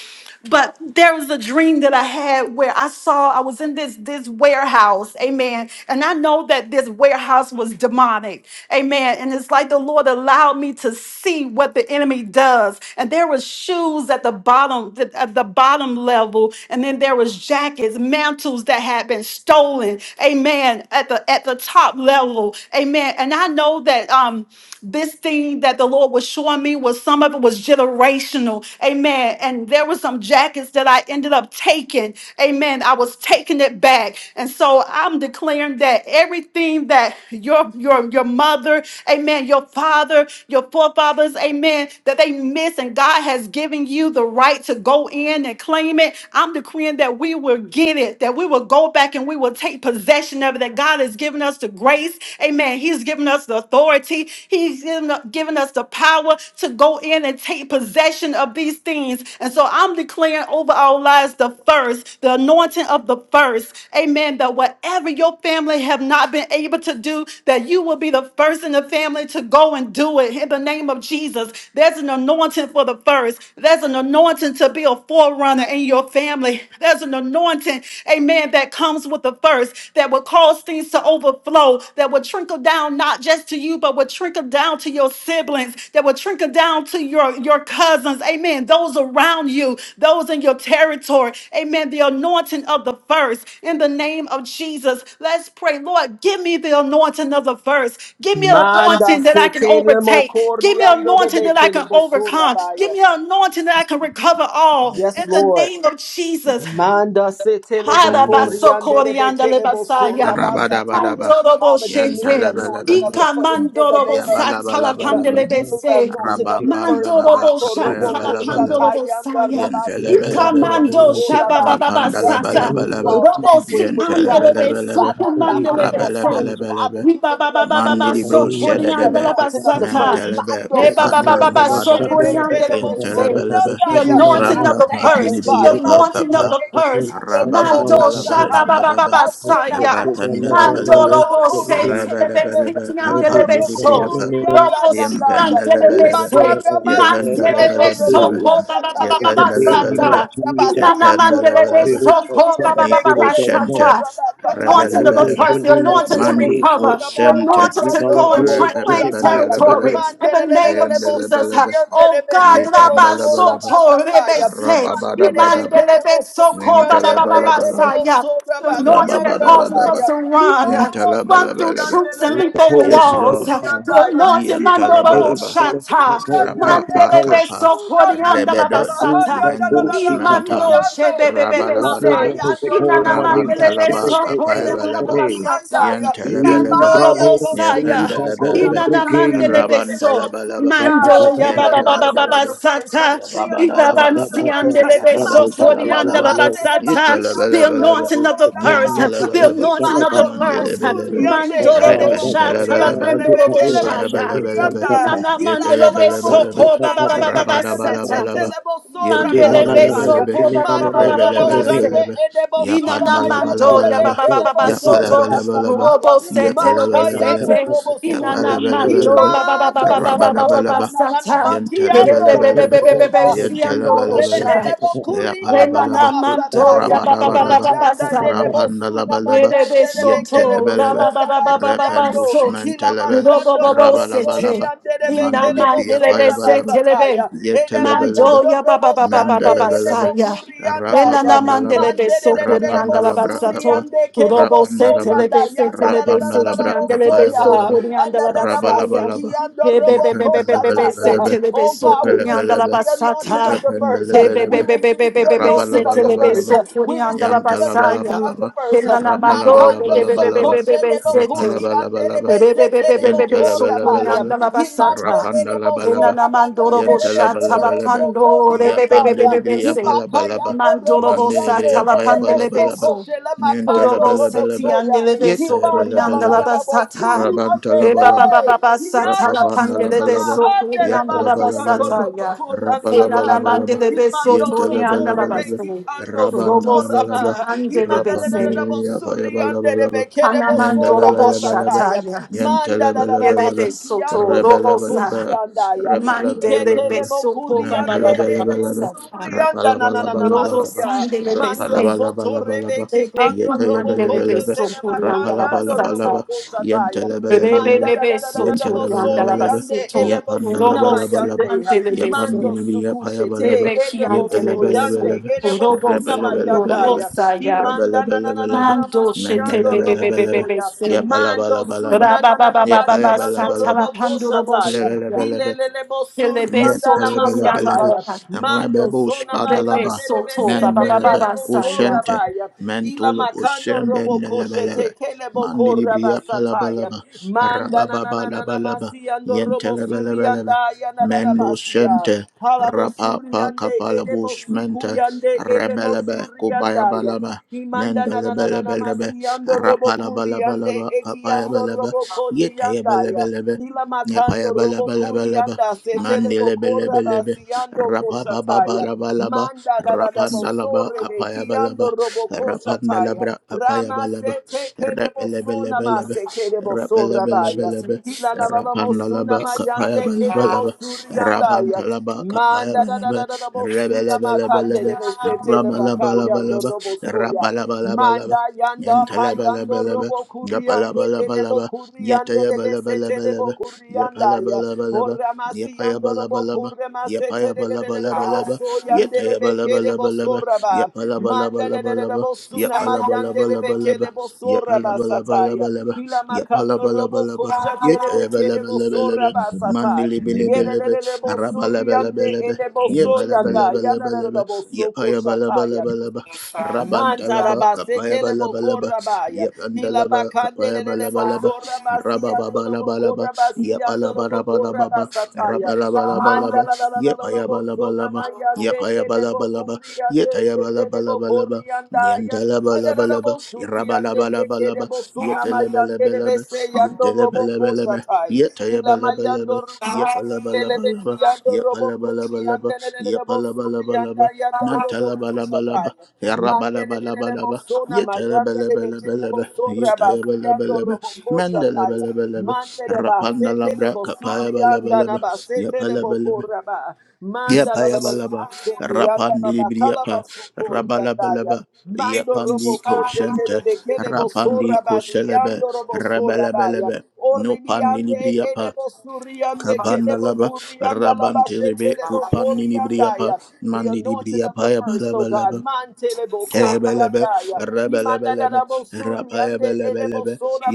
Speaker 1: But there was a dream that I had where I saw I was in this this warehouse, amen. And I know that this warehouse was demonic, amen. And it's like the Lord allowed me to see what the enemy does. And there was shoes at the bottom, at the bottom level, and then there was jackets, mantles that had been stolen. Amen. At the at the top level. Amen. And I know that um this thing that the Lord was showing me was some of it was generational. Amen. And there were some jackets that I ended up taking. Amen. I was taking it back. And so I'm declaring that everything that your your your mother, amen, your father, your forefathers, amen, that they miss and God has given you the right to go in and claim it. I'm decreeing that we will get it, that we will we will go back and we will take possession of it. That God has given us the grace. Amen. He's given us the authority. He's given, given us the power to go in and take possession of these things. And so I'm declaring over our lives the first, the anointing of the first. Amen. That whatever your family have not been able to do, that you will be the first in the family to go and do it in the name of Jesus. There's an anointing for the first. There's an anointing to be a forerunner in your family. There's an anointing anointing, amen, that comes with the thirst, that will cause things to overflow, that will trickle down not just to you, but will trickle down to your siblings, that will trickle down to your, your cousins, amen, those around you, those in your territory, amen, the anointing of the first in the name of Jesus. Let's pray, Lord, give me the anointing of the first. Give me an
Speaker 2: Manda
Speaker 1: anointing that I can
Speaker 2: sekele
Speaker 1: overtake. Give me an
Speaker 2: mokoriande de
Speaker 1: anointing that I can
Speaker 2: bekele
Speaker 1: overcome. Give
Speaker 2: bosorabaya.
Speaker 1: me an anointing that I can recover all
Speaker 4: that
Speaker 2: Yes,
Speaker 4: is
Speaker 1: in the
Speaker 2: Lord.
Speaker 1: name of Jesus.
Speaker 4: the
Speaker 2: Manda se telebo
Speaker 4: name
Speaker 2: koriande de bekelebo
Speaker 1: Harabasokoriandalebasaya.
Speaker 4: the name of the
Speaker 3: rabadabadaba,
Speaker 2: sorabasataya.
Speaker 1: Pandorobo
Speaker 2: Father, give me the
Speaker 1: shete.
Speaker 4: Lord, the
Speaker 3: yantalabalaba,
Speaker 2: anointing
Speaker 4: name
Speaker 2: of
Speaker 4: of
Speaker 2: the
Speaker 1: Ika
Speaker 2: first
Speaker 4: Jesus.
Speaker 2: in the
Speaker 1: mandorobo
Speaker 2: name of
Speaker 1: satala
Speaker 2: Jesus. Uh,
Speaker 4: We
Speaker 3: yabalabalabalaba.
Speaker 4: are
Speaker 2: Give me
Speaker 4: not
Speaker 1: pandelebese.
Speaker 2: the
Speaker 4: we are
Speaker 2: anointing
Speaker 3: Rabba
Speaker 2: of
Speaker 4: taking
Speaker 2: the
Speaker 3: Panda
Speaker 2: first.
Speaker 3: Laba
Speaker 1: Mandorobo
Speaker 2: Manto
Speaker 4: we
Speaker 3: Kapaya
Speaker 4: are
Speaker 2: robo
Speaker 1: shatala
Speaker 3: Balaba
Speaker 4: perform.
Speaker 3: Laba
Speaker 1: pandorobo
Speaker 2: koshatayanda
Speaker 1: saya.
Speaker 4: We are not
Speaker 1: Ika
Speaker 2: rabasikiando
Speaker 4: taking
Speaker 3: Yentelebelebelebe
Speaker 2: robo
Speaker 1: mando
Speaker 4: we are taking
Speaker 2: sorabaya.
Speaker 1: shabababa
Speaker 3: Rapanda la
Speaker 2: That
Speaker 3: ba,
Speaker 1: sata.
Speaker 2: which
Speaker 3: la ba,
Speaker 2: was
Speaker 3: Rapandalabalabalaba,
Speaker 4: no
Speaker 2: lost,
Speaker 4: of
Speaker 1: Robo
Speaker 2: that
Speaker 4: Jesus.
Speaker 1: si
Speaker 2: which was dropped
Speaker 1: andelebe
Speaker 3: Yentelebelebelebe,
Speaker 2: by
Speaker 4: The
Speaker 2: the, by my
Speaker 4: name of
Speaker 1: sukumandelebese.
Speaker 2: forefathers.
Speaker 4: Jesus.
Speaker 2: Father,
Speaker 3: Rabelebelebelebe,
Speaker 2: give
Speaker 1: Iba
Speaker 2: me
Speaker 1: ba
Speaker 2: the
Speaker 1: ba ba
Speaker 4: We
Speaker 1: ba ba
Speaker 4: are
Speaker 3: Mandidi
Speaker 2: anointing.
Speaker 3: bro
Speaker 4: not
Speaker 1: so
Speaker 4: we
Speaker 2: Give me
Speaker 4: must
Speaker 2: the
Speaker 4: stop.
Speaker 3: sedebe,
Speaker 4: We
Speaker 1: coriandela
Speaker 4: are not we
Speaker 2: anointing
Speaker 4: are
Speaker 2: of
Speaker 4: not
Speaker 2: the
Speaker 4: we are not
Speaker 1: basata.
Speaker 2: first.
Speaker 3: Mentelebe
Speaker 2: Mando
Speaker 1: Eh, ba ba
Speaker 3: kupandi
Speaker 1: ba
Speaker 2: soto
Speaker 1: ba ba
Speaker 2: riande
Speaker 1: so
Speaker 3: mavada,
Speaker 2: de
Speaker 4: something that that
Speaker 2: beke de
Speaker 4: that
Speaker 1: coriandela
Speaker 4: that that
Speaker 1: bese.
Speaker 4: that
Speaker 3: Yentelebelebe,
Speaker 4: that
Speaker 2: bosurianda
Speaker 1: The
Speaker 4: something
Speaker 2: I
Speaker 1: anointing
Speaker 4: that that
Speaker 1: of the
Speaker 2: stand, oh
Speaker 3: Rapapandini
Speaker 1: purse,
Speaker 4: that
Speaker 2: God.
Speaker 1: the
Speaker 3: biapa
Speaker 4: that that that that that
Speaker 2: Mante
Speaker 1: anointing
Speaker 3: kapa,
Speaker 1: of
Speaker 2: de
Speaker 1: the
Speaker 2: beki
Speaker 1: purse.
Speaker 2: ando
Speaker 4: that
Speaker 2: robo
Speaker 4: that
Speaker 1: Mando
Speaker 4: that that
Speaker 1: shaba ba
Speaker 2: kosakaya.
Speaker 1: ba ba
Speaker 3: Rababandalabalabalaba,
Speaker 1: ba
Speaker 2: I
Speaker 4: Let
Speaker 2: will not
Speaker 4: me
Speaker 1: saya.
Speaker 2: drop it.
Speaker 1: Mando
Speaker 2: Mando
Speaker 3: Rapandalabelebe,
Speaker 4: Manifest
Speaker 1: robo
Speaker 2: soto
Speaker 3: Rebelebelebe kapandidi
Speaker 1: se
Speaker 3: briapa, Yempendalebelebe, ba. rapanda la ba la ba, raba
Speaker 2: riande
Speaker 3: la
Speaker 2: de
Speaker 3: ba la ba
Speaker 2: beki
Speaker 1: telebesiandela
Speaker 2: ando
Speaker 3: kapandi di bria
Speaker 1: beso.
Speaker 2: robo
Speaker 3: pa,
Speaker 2: yanda
Speaker 1: Robo si
Speaker 3: yempende
Speaker 2: yanda
Speaker 3: la
Speaker 1: andela
Speaker 3: ba la ba,
Speaker 1: bese.
Speaker 2: imandara
Speaker 3: yepende
Speaker 2: masiki
Speaker 3: la ba
Speaker 1: Mandela
Speaker 2: yando
Speaker 3: la ba la
Speaker 2: robo
Speaker 1: beso
Speaker 3: ba.
Speaker 1: ko ba ba ba ba
Speaker 2: kosataya
Speaker 1: ba ba
Speaker 3: Yapandalabalaba,
Speaker 2: mandara
Speaker 1: sata.
Speaker 2: nabasi
Speaker 1: The
Speaker 2: yando robo
Speaker 3: yapandalabalaba,
Speaker 2: kuchi yande lebeke
Speaker 3: Nico
Speaker 2: lebo
Speaker 3: Center,
Speaker 2: sora basataya
Speaker 1: anointing of the
Speaker 3: Rabalabalaba,
Speaker 1: first, the
Speaker 2: mandelelele
Speaker 1: anointing to
Speaker 2: lebo
Speaker 3: Mandi O
Speaker 1: recover, the
Speaker 3: Center,
Speaker 4: it,
Speaker 2: bakari
Speaker 1: anointing to
Speaker 2: yando
Speaker 1: go and
Speaker 2: robo
Speaker 1: tra- claim
Speaker 2: kosataya
Speaker 1: territory
Speaker 3: Rapapandalabalaba,
Speaker 1: in the name
Speaker 2: mandelelele
Speaker 1: of
Speaker 2: lebo
Speaker 1: Jesus.
Speaker 2: suri
Speaker 3: Vandalabalaba,
Speaker 2: yande
Speaker 1: Oh
Speaker 2: lebeke
Speaker 1: God,
Speaker 2: lebo sora
Speaker 3: Yapandalabalaba,
Speaker 1: Rabasoto
Speaker 2: basataya
Speaker 1: Rebese,
Speaker 3: Rababadabadaba,
Speaker 2: mandelebeke
Speaker 1: Imandelebe
Speaker 2: suri
Speaker 1: Soko
Speaker 2: yande lebeke
Speaker 3: Nintalabalabalaba,
Speaker 2: lebo
Speaker 1: Babababasaya.
Speaker 2: sora
Speaker 1: the
Speaker 2: basi
Speaker 1: anointing that
Speaker 2: yanda
Speaker 1: causes
Speaker 3: Rababadabadaba,
Speaker 1: us
Speaker 2: rabaya
Speaker 1: to run,
Speaker 2: Imano
Speaker 1: run through
Speaker 3: Yantalabalabalaba.
Speaker 1: troops and leap over
Speaker 3: Yes,
Speaker 1: walls.
Speaker 3: Lord.
Speaker 1: The anointing, Mandorobo
Speaker 3: Yantalabalaba.
Speaker 1: Shata,
Speaker 3: Rapapa
Speaker 1: Mandelebe
Speaker 3: kapa.
Speaker 1: Soko
Speaker 3: Rebedo.
Speaker 1: Riandalabasata.
Speaker 3: Mendus menta.
Speaker 1: Imando shebebebebe se.
Speaker 3: Rabalabalaba.
Speaker 1: Inana mandelebe
Speaker 3: Rabantalaba
Speaker 4: it, it,
Speaker 1: sokorianda
Speaker 3: kapayabalaba.
Speaker 4: it,
Speaker 1: babasata.
Speaker 4: Shut
Speaker 3: Yantalabalaba.
Speaker 1: Nando robo saya.
Speaker 3: Yapandalabalaba.
Speaker 1: Inana mandelebe so.
Speaker 3: Rabantalabalaba.
Speaker 1: Mando ya
Speaker 2: the
Speaker 3: Yeah, da
Speaker 1: baba
Speaker 3: da da
Speaker 1: baba
Speaker 2: anointing
Speaker 3: da
Speaker 2: of
Speaker 1: baba
Speaker 3: da.
Speaker 2: the first,
Speaker 1: sata.
Speaker 2: the
Speaker 3: Rabba da la
Speaker 2: anointing
Speaker 3: ba da
Speaker 2: of the
Speaker 3: ba.
Speaker 1: Irabansi
Speaker 2: first.
Speaker 1: andelebe
Speaker 3: Rabba da
Speaker 2: Manto
Speaker 3: la ba la
Speaker 1: sokorianda
Speaker 3: ba.
Speaker 2: kona
Speaker 3: Yita
Speaker 1: babasata.
Speaker 2: ki
Speaker 3: la ba
Speaker 1: The
Speaker 2: ando
Speaker 3: la ba la ba.
Speaker 2: robo
Speaker 1: anointing of the
Speaker 2: sonda da
Speaker 1: first.
Speaker 3: Nyanta la
Speaker 2: baya.
Speaker 3: ba
Speaker 1: The
Speaker 3: la ba.
Speaker 1: anointing of the
Speaker 2: Imando
Speaker 3: Mandi
Speaker 2: robo
Speaker 3: la
Speaker 1: first.
Speaker 3: ba la
Speaker 2: suriande,
Speaker 1: Mando robo
Speaker 3: Rabba
Speaker 2: elebo
Speaker 3: da ba
Speaker 1: shata la
Speaker 3: la
Speaker 2: kuriande,
Speaker 3: ba.
Speaker 1: pando
Speaker 2: lebe
Speaker 1: robo
Speaker 2: kelebo
Speaker 3: ba
Speaker 1: shaya.
Speaker 3: ba ba.
Speaker 2: surianda.
Speaker 1: Inana
Speaker 3: Yita
Speaker 2: Ilada
Speaker 3: la
Speaker 2: la
Speaker 3: ba
Speaker 1: mandelebe
Speaker 2: la
Speaker 3: la ba
Speaker 2: bo
Speaker 3: la ba.
Speaker 1: soko
Speaker 2: kuna
Speaker 1: baba baba
Speaker 3: Rabba
Speaker 2: bayande,
Speaker 1: baba
Speaker 3: da ba
Speaker 2: lebe
Speaker 3: la ba
Speaker 1: sata.
Speaker 2: sete
Speaker 3: ba.
Speaker 2: lebo sorra
Speaker 1: Mandele beso
Speaker 2: basataya.
Speaker 3: Yentelebelebelebe,
Speaker 1: ko ba ba ba ba
Speaker 2: Mando
Speaker 1: ba ba ba
Speaker 2: robo
Speaker 1: ba
Speaker 2: sande,
Speaker 1: se.
Speaker 3: rebelebelebelebe,
Speaker 2: edebo suna
Speaker 1: Inana
Speaker 2: bayande,
Speaker 1: mando ya
Speaker 2: lebe
Speaker 3: yapandalabalabalaba,
Speaker 1: ba ba ba ba ba
Speaker 2: kelebo sorra
Speaker 1: soto.
Speaker 3: yapalabalabalaba,
Speaker 2: basataya.
Speaker 1: Urobo sete lo
Speaker 3: yapalabalabalaba,
Speaker 2: Makayando
Speaker 1: besete.
Speaker 2: robo
Speaker 1: Inana
Speaker 2: sura.
Speaker 3: yapalabalabalaba,
Speaker 1: mando ba ba ba ba
Speaker 2: Imando
Speaker 1: ba ba ba ba ba
Speaker 2: soto
Speaker 1: ba
Speaker 2: na
Speaker 3: rabalabalaba,
Speaker 2: na na na
Speaker 1: sata.
Speaker 2: maki
Speaker 4: Thank
Speaker 1: Rebe
Speaker 2: Kuriando
Speaker 1: be be
Speaker 3: yentelebelebelebe,
Speaker 1: be be be be
Speaker 2: Rabosoya,
Speaker 1: siando robo
Speaker 2: Imandele
Speaker 1: sha.
Speaker 3: yentelebelebelebe,
Speaker 2: Elebo Kurianda
Speaker 1: Renana
Speaker 3: yapalabalaba,
Speaker 1: mando ya
Speaker 2: masataya,
Speaker 1: ba ba ba ba
Speaker 3: rabalabalaba,
Speaker 1: ba ba
Speaker 2: Mandanda de
Speaker 1: saya be
Speaker 2: Bosuna
Speaker 1: be be
Speaker 3: rapandalabalaba,
Speaker 1: be be
Speaker 2: Mayande
Speaker 1: be
Speaker 2: de
Speaker 1: so.
Speaker 2: Bekele
Speaker 3: yentelebelebe,
Speaker 2: Bosora Bakiando,
Speaker 3: rependusmentelebe,
Speaker 1: robo
Speaker 2: Ilamashando
Speaker 1: robo sete
Speaker 3: rabalabalaba,
Speaker 2: Robosoriande de
Speaker 1: ina
Speaker 2: Bekele
Speaker 1: mandelebe
Speaker 2: Bosora
Speaker 3: mandidibiyapayabalaba,
Speaker 1: setelebe,
Speaker 2: Basataya,
Speaker 1: mando
Speaker 3: yetelebelebe,
Speaker 2: Edebayando
Speaker 1: ya ba ba ba ba
Speaker 2: Robosande
Speaker 1: ba ba ba
Speaker 3: Mandalabalaba,
Speaker 2: Elebo
Speaker 1: saya. rena na
Speaker 2: Kuriandaya,
Speaker 3: Rapapandalaba,
Speaker 2: Mande
Speaker 1: mandelebe
Speaker 2: de
Speaker 1: so
Speaker 2: de de
Speaker 1: kurianda la
Speaker 3: Rapandalabra
Speaker 1: basato.
Speaker 3: Kappa,
Speaker 2: Bosuriande Kede
Speaker 1: robo
Speaker 3: Rapandalabra,
Speaker 2: Bosoyanda,
Speaker 1: setelebe
Speaker 2: Yanda da da
Speaker 1: setelebe
Speaker 2: da
Speaker 1: so
Speaker 2: da da
Speaker 3: Rapandalabra
Speaker 1: kiandelebe so
Speaker 3: Kapayabalaba,
Speaker 2: Bosoya,
Speaker 1: kurianda la basaya.
Speaker 3: Rabalabalaba,
Speaker 1: Rebebesoto, rababababababaso,
Speaker 3: Yapandalabalabalaba,
Speaker 1: ribobobobosete, be be be be setelebe
Speaker 2: Oh
Speaker 1: so
Speaker 2: God, we
Speaker 1: kurianda la
Speaker 2: receive
Speaker 3: Yapalabalaba,
Speaker 2: the anointing
Speaker 1: basata,
Speaker 2: of the first.
Speaker 1: rebe
Speaker 2: We
Speaker 1: be
Speaker 3: Ikapandalabalaba,
Speaker 1: be kiandelebesoko,
Speaker 2: receive the anointing
Speaker 1: niandalabasaya,
Speaker 2: of the first.
Speaker 3: Rabalabalabalaba,
Speaker 1: rebebebebebebebesetelebesoko, niandalabasata,
Speaker 2: We receive the anointing of
Speaker 1: rebebebebebebebesetelebesoko,
Speaker 3: Yantalabalabalaba,
Speaker 2: the
Speaker 1: basaya.
Speaker 2: first.
Speaker 1: Elamando
Speaker 2: Makando
Speaker 1: de
Speaker 3: Rapalabalabalabalaba,
Speaker 2: soko
Speaker 1: bebebebebebe
Speaker 2: shenebo
Speaker 1: sete.
Speaker 2: kuri
Speaker 3: Rapalabalabalaba,
Speaker 2: anderebe seterebo
Speaker 1: Rebebebebebebe
Speaker 2: korabaya.
Speaker 3: Yantalabalabalaba,
Speaker 1: sukurianda la
Speaker 2: Himande
Speaker 1: basata.
Speaker 3: Rapanda
Speaker 2: edebo
Speaker 3: labalaba,
Speaker 2: sona
Speaker 1: Enanamandorobo
Speaker 2: mayanderebe
Speaker 1: shata la
Speaker 2: kedebo
Speaker 3: Yantalabalabalaba,
Speaker 1: pando
Speaker 2: sotori andaya.
Speaker 1: rebebebebebe
Speaker 3: Yapandalibria
Speaker 1: se.
Speaker 3: palabalaba,
Speaker 2: Himakayando robo
Speaker 1: Mandorobo sata
Speaker 2: shande
Speaker 3: Mandalibria
Speaker 1: la
Speaker 2: edebo
Speaker 1: pandele
Speaker 3: payabalabalaba,
Speaker 2: soko
Speaker 1: beso.
Speaker 2: shele
Speaker 1: Korobo seti
Speaker 3: Yantalabalabalaba,
Speaker 2: soya.
Speaker 1: andelebe sokori
Speaker 2: Imanda la la
Speaker 3: Yetabalabalaba,
Speaker 2: la
Speaker 1: andalaba
Speaker 2: la
Speaker 1: sata.
Speaker 2: bosuri ande
Speaker 1: E baba
Speaker 3: Rabantalabalaba,
Speaker 1: baba
Speaker 2: hey.
Speaker 1: baba sata la
Speaker 2: Yando soma
Speaker 1: pandelebe
Speaker 3: Rapapandalabalaba,
Speaker 2: mahande
Speaker 1: sokori
Speaker 2: le
Speaker 1: andalaba
Speaker 2: baki ando
Speaker 3: Yapalabalabalaba,
Speaker 1: sata
Speaker 2: robo
Speaker 1: ya.
Speaker 2: kora
Speaker 1: E la la
Speaker 2: sataya.
Speaker 3: Rapalabalabalaba,
Speaker 1: mandelebe
Speaker 2: Imando
Speaker 1: sotori
Speaker 2: soto
Speaker 1: andalaba
Speaker 3: Yentelebelebelebe,
Speaker 2: rebeki
Speaker 1: sata.
Speaker 2: ando
Speaker 1: Korobo
Speaker 2: soto
Speaker 1: seti
Speaker 3: Rabandalabalaba,
Speaker 2: rama. Imanda
Speaker 1: andelebe
Speaker 2: da da da
Speaker 1: se.
Speaker 2: da bosuri ande
Speaker 3: Rapandiyapayabalabalaba,
Speaker 2: rebeke de
Speaker 1: Kanaman
Speaker 2: bosora
Speaker 1: dorobo
Speaker 3: Mendelebelebelebe,
Speaker 1: sata
Speaker 2: basataya.
Speaker 1: ya.
Speaker 2: Manda da da da
Speaker 3: Yentelebelebelebe,
Speaker 1: Elebe
Speaker 2: basiki
Speaker 1: soto
Speaker 2: ando
Speaker 1: robo
Speaker 2: robo
Speaker 3: Rebelebelebe,
Speaker 2: koshi
Speaker 1: sa.
Speaker 2: andaya.
Speaker 1: Mandele
Speaker 2: Ikete
Speaker 3: Repelebelebelebe,
Speaker 2: rebo
Speaker 1: beso po
Speaker 2: kuri
Speaker 1: baba
Speaker 2: ande
Speaker 1: baba
Speaker 2: ede
Speaker 1: baba
Speaker 3: Mantalabalaba,
Speaker 1: sata.
Speaker 2: bosuri anda na na na
Speaker 1: Robo
Speaker 2: na
Speaker 3: Rapalabalabalaba,
Speaker 2: Hallelujah.
Speaker 1: sandele
Speaker 2: Mando
Speaker 1: bese.
Speaker 2: soto
Speaker 3: Rapalabalabalaba,
Speaker 2: rebeki
Speaker 1: Bebe
Speaker 2: ando robo
Speaker 1: kumande bebe
Speaker 2: koshe
Speaker 3: Yetayabalabalaba,
Speaker 1: so
Speaker 2: telebaka
Speaker 1: kurianda la
Speaker 2: yando robo
Speaker 3: Rapalabalabalaba,
Speaker 1: basata.
Speaker 2: koshataya.
Speaker 1: Bebe
Speaker 3: Yentalabalabalaba,
Speaker 2: Manda da
Speaker 1: bebe
Speaker 2: da da da
Speaker 1: so
Speaker 2: da da
Speaker 1: torianda la
Speaker 2: bosori
Speaker 3: Yentalabalabalaba,
Speaker 2: ande
Speaker 1: basoto.
Speaker 2: elebosuna
Speaker 1: Robo si
Speaker 3: Yapandalabalabalaba,
Speaker 2: mayande.
Speaker 1: ande lebe so.
Speaker 2: Mando
Speaker 3: Yapandinibi Yapayabalaba,
Speaker 2: sukushete
Speaker 1: Bebe ki ande
Speaker 2: edeboso
Speaker 1: lebe so.
Speaker 2: yande
Speaker 3: Yapalabalabalaba,
Speaker 1: Robo
Speaker 2: elebosuna
Speaker 1: sando robo
Speaker 3: Rabalabalabalaba,
Speaker 2: mayandaya.
Speaker 1: saya.
Speaker 2: Imanda na na na na na
Speaker 3: Rabalabalabalaba,
Speaker 2: na
Speaker 1: Mando shete
Speaker 2: masiyando
Speaker 1: bebe
Speaker 2: robo
Speaker 1: bebe
Speaker 3: Mandalabalabalaba,
Speaker 1: bebe
Speaker 2: soya.
Speaker 1: se.
Speaker 2: Mando
Speaker 3: Yapalabalabalaba,
Speaker 1: Raba
Speaker 2: suna na
Speaker 1: baba
Speaker 2: na na
Speaker 1: baba ba ba
Speaker 2: mati
Speaker 1: ba
Speaker 2: ando
Speaker 1: sata
Speaker 3: Yapayabalabalaba,
Speaker 1: la
Speaker 2: robo
Speaker 1: pando robo
Speaker 2: koshataya.
Speaker 1: shaya.
Speaker 2: Hilelelebo surianda
Speaker 1: so
Speaker 2: na
Speaker 1: torianda
Speaker 3: Netelebelebelebe,
Speaker 1: la
Speaker 2: masataya.
Speaker 1: ba-
Speaker 2: Mando
Speaker 3: Rebebus
Speaker 2: sona
Speaker 1: Lebe
Speaker 2: makande
Speaker 3: Padalaba,
Speaker 1: soto
Speaker 2: rebese
Speaker 1: ba ba baba ba
Speaker 3: Mendelebe
Speaker 2: tekele
Speaker 1: ba
Speaker 2: bo
Speaker 1: saya.
Speaker 3: Cusente,
Speaker 2: sorabaya. Ila
Speaker 3: Mentulo
Speaker 2: makando robo koshe
Speaker 3: Cusembelebelebe,
Speaker 2: tekele bo
Speaker 3: Mandini Bria
Speaker 2: korabasataya.
Speaker 3: Palabalaba,
Speaker 2: Manda na na na na na
Speaker 3: Rabababalabalaba,
Speaker 2: masiando romo
Speaker 3: Yentelebelebelebe,
Speaker 2: surianda ya na na na masia.
Speaker 3: Menusente,
Speaker 2: Palabo
Speaker 3: Rapapa
Speaker 2: suriande edebo
Speaker 3: Capalabus Mente,
Speaker 2: sukuyande elemo
Speaker 3: Rebelebe
Speaker 2: surianda ya.
Speaker 3: Kubayabalaba,
Speaker 2: Imanda na na na na na
Speaker 3: Mendelebelebelebe,
Speaker 2: masiando robo kuriande
Speaker 3: Rapalabalabalaba,
Speaker 2: ekiando
Speaker 3: Capayabelebe,
Speaker 2: robo kosianda ya.
Speaker 3: Yetayabelebelebe,
Speaker 2: Hila makando robo
Speaker 3: Yapayabalabalaba,
Speaker 2: kurianda setele bokora
Speaker 3: Mandelebelebelebe,
Speaker 2: basiando koshataya.
Speaker 3: Rapababalaba,
Speaker 2: Manda da da da
Speaker 3: Rapandalaba,
Speaker 2: bosore
Speaker 3: Kapayabalaba,
Speaker 2: bekiando robo koshataya.
Speaker 3: Rapandalabra,
Speaker 2: Rama
Speaker 3: Kapayabalaba,
Speaker 2: sete kede bosona
Speaker 3: Repelebelebelebe,
Speaker 2: mase kede bosora baya.
Speaker 3: Repelebelebelebe,
Speaker 2: Hila la
Speaker 1: Jesus.
Speaker 2: la la mosuna
Speaker 3: Rapandalaba,
Speaker 2: mayande ele
Speaker 3: Kapayabalabalaba,
Speaker 2: mosuriandaya.
Speaker 3: Rabantalaba,
Speaker 2: Manda da da
Speaker 3: Kapayabalaba,
Speaker 2: da da da bosuna makande
Speaker 3: Rebelebelebelebe,
Speaker 2: de setele bakayando
Speaker 3: Rabalabalabalaba,
Speaker 2: robo soya. Manda
Speaker 3: Rabalabalabalaba.
Speaker 2: yanda payando Mando
Speaker 3: Yantalabalabalaba,
Speaker 2: robo curiande elebo
Speaker 3: Yapalabalabalaba,
Speaker 2: curiande lebe sete lebo
Speaker 3: Yatayabalabalaba,
Speaker 2: curiandaya.
Speaker 3: Yapalabalabalaba,
Speaker 2: Oramasi
Speaker 3: Yapaya
Speaker 2: ando
Speaker 3: balaba
Speaker 2: robo
Speaker 3: laba.
Speaker 2: curemase
Speaker 3: Yapaya
Speaker 2: tere
Speaker 3: balaba laba
Speaker 2: robo
Speaker 3: laba.
Speaker 2: soyande
Speaker 3: Yataya
Speaker 2: lebe
Speaker 3: balaba
Speaker 2: kerebo
Speaker 3: laba laba.
Speaker 2: soraba.
Speaker 3: Yapala balaba
Speaker 2: Manda de
Speaker 3: laba
Speaker 2: de de
Speaker 3: laba.
Speaker 2: robo sunama
Speaker 3: Yapala
Speaker 2: yande
Speaker 3: balaba laba
Speaker 2: lebe
Speaker 3: laba.
Speaker 2: kerebo
Speaker 3: Yapala
Speaker 2: soraba
Speaker 3: balaba laba
Speaker 2: sataya.
Speaker 3: laba.
Speaker 2: Hila
Speaker 3: Yapala
Speaker 2: makando
Speaker 3: balaba
Speaker 2: robo
Speaker 3: laba.
Speaker 2: kosha tere lebe
Speaker 3: Yataya balaba
Speaker 2: kerebo
Speaker 3: laba laba.
Speaker 2: soraba sataya.
Speaker 3: Mandili bili
Speaker 2: Yere
Speaker 3: bili
Speaker 2: de beke de robo suriande
Speaker 3: Yapayabalabalaba.
Speaker 2: elebo
Speaker 4: you.
Speaker 2: soyanda yana de
Speaker 3: Yapayabalabalaba.
Speaker 2: robo soko sataya.
Speaker 3: Yetayabalabalabalaba. Yapalabalabalabalaba. Yapalabalabalabalaba. Yapalabalabalabalaba. Yapalabalabalaba. Yetayabalabalabalaba. Mandilibilibilibi. Arabalabalabalaba. Yapalabalabalaba. Yapayabalabalaba. Rabantalaba. Kapayabalabalaba.
Speaker 2: Mantarabasekelemokorabaya.
Speaker 3: Yapandalaba. Kapayabalabalaba. Rabababalabalaba. Yapalabalabalaba.
Speaker 2: Hilabakandelelelebosora-basiandorobokorabasiandorobokorabasataya.
Speaker 3: Rabalabalaba. Yepayabalabalaba.
Speaker 2: Mandalalalalalalobosona-mayande
Speaker 3: Yepayabalabalaba nanta iraba la bala bala ba.
Speaker 2: elebokuriande-setelebokoriandaya.
Speaker 3: Yeta la bala bala ba. Yeta la bala bala ba. Yeta
Speaker 2: Badadadabosuriande-ekedebosunamayande-debeseyandolobokosataya.
Speaker 3: ya bala bala ba.
Speaker 2: Hilamayandorukuri-
Speaker 3: Yepa la bala
Speaker 2: Yandelebe
Speaker 3: bala ba.
Speaker 2: kiyando
Speaker 3: Yepa
Speaker 2: robo
Speaker 3: la bala
Speaker 2: kosi
Speaker 3: bala ba.
Speaker 2: yandelelele
Speaker 3: Yepa
Speaker 2: bo
Speaker 3: la bala
Speaker 2: suri
Speaker 3: bala
Speaker 2: yanda
Speaker 3: ba.
Speaker 2: yanda
Speaker 3: Nanta
Speaker 2: robo
Speaker 3: la bala
Speaker 2: kosa
Speaker 3: bala ba.
Speaker 2: taya.
Speaker 3: iraba
Speaker 2: Mandelelele bo
Speaker 3: Yetayabalabalabalaba,
Speaker 2: sona ma yandelebe kene bo
Speaker 3: Yantalabalabalaba, Irabalabalabalaba,
Speaker 2: sora ba siyando
Speaker 3: Yetelebelebelebe,
Speaker 2: robo
Speaker 3: Yetelebelebelebe, Yetayabalabalaba, Yapalabalabalaba, Yapalabalabalaba, Yapalabalabalaba, Nantalabalabalaba, Irabalabalabalaba, Yetelebelebelebe, Yetayabalabalaba,
Speaker 2: kosa taya.
Speaker 3: Mendelebelebelebe,
Speaker 2: Mandele ba sekele
Speaker 3: Rapandalabra,
Speaker 2: bo suri yanda na
Speaker 3: Kapayabalabalaba,
Speaker 2: ba setele bo
Speaker 3: Yapalabalaba,
Speaker 2: kora ba. Mandala
Speaker 3: Yapa
Speaker 2: la la la la
Speaker 3: yabalaba
Speaker 2: Sorianda la
Speaker 3: rapandi
Speaker 2: bakala
Speaker 3: briapa
Speaker 2: basu korianda
Speaker 3: rabalabalaba
Speaker 2: Mando robo
Speaker 3: yapandi
Speaker 2: koche
Speaker 3: koshente
Speaker 2: telebekele
Speaker 3: rapandi
Speaker 2: bosora
Speaker 3: koshelebe
Speaker 2: basiando robo sora
Speaker 3: rabalabalaba no pandi
Speaker 2: Orribiande
Speaker 3: libriapa
Speaker 2: edebo suriande
Speaker 3: kabanda
Speaker 2: kedebo
Speaker 3: laba
Speaker 2: kurianda la
Speaker 3: rabanti
Speaker 2: bashe
Speaker 3: libe
Speaker 2: telebo
Speaker 3: kupandi
Speaker 2: korianda
Speaker 3: libriapa
Speaker 2: The
Speaker 3: mandi
Speaker 2: anointing of the
Speaker 3: libriapa
Speaker 2: first, oh
Speaker 3: yabalabalaba
Speaker 2: God. Man telebo
Speaker 3: Ebelebe,
Speaker 2: korianda ya. Imanda da
Speaker 3: rebelebelebe,
Speaker 2: rabo suriande edebo
Speaker 3: rapaebelebelebe,
Speaker 2: sora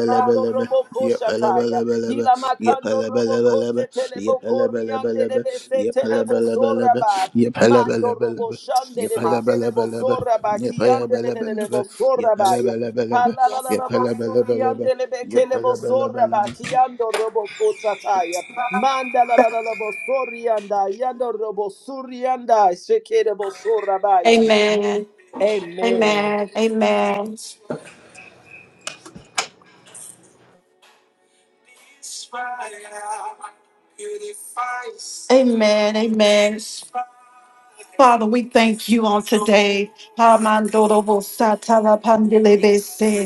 Speaker 2: Riando Roboko Shataya,
Speaker 3: yepelebelebelebe,
Speaker 2: Hila Makando Roboko
Speaker 3: yepelebelebelebe,
Speaker 2: Sheteleboko Riande de
Speaker 3: yepelebelebelebe,
Speaker 2: Bese
Speaker 3: yepelebelebelebe,
Speaker 2: Soraba, Mando Robo
Speaker 3: yepelebelebelebe,
Speaker 2: Shande de Bekelebo
Speaker 3: yepelebelebelebe,
Speaker 2: Soraba, Kiande de
Speaker 3: yepelebelebelebe,
Speaker 2: Soraba,
Speaker 3: yepelebelebelebe,
Speaker 2: Halalalabo
Speaker 3: yepelebelebelebe,
Speaker 2: Suriande de Bekelebo Soraba,
Speaker 3: yepelebelebelebe.
Speaker 2: Kiando Roboko Sataya, Manda la la la la bo sorianda, yando robo surianda, shekerebo sorabaya.
Speaker 1: Amen.
Speaker 2: Amen.
Speaker 1: Amen. Amen. Amen. Amen. Father, we thank you on today. Hamandorobo satala pandelebese.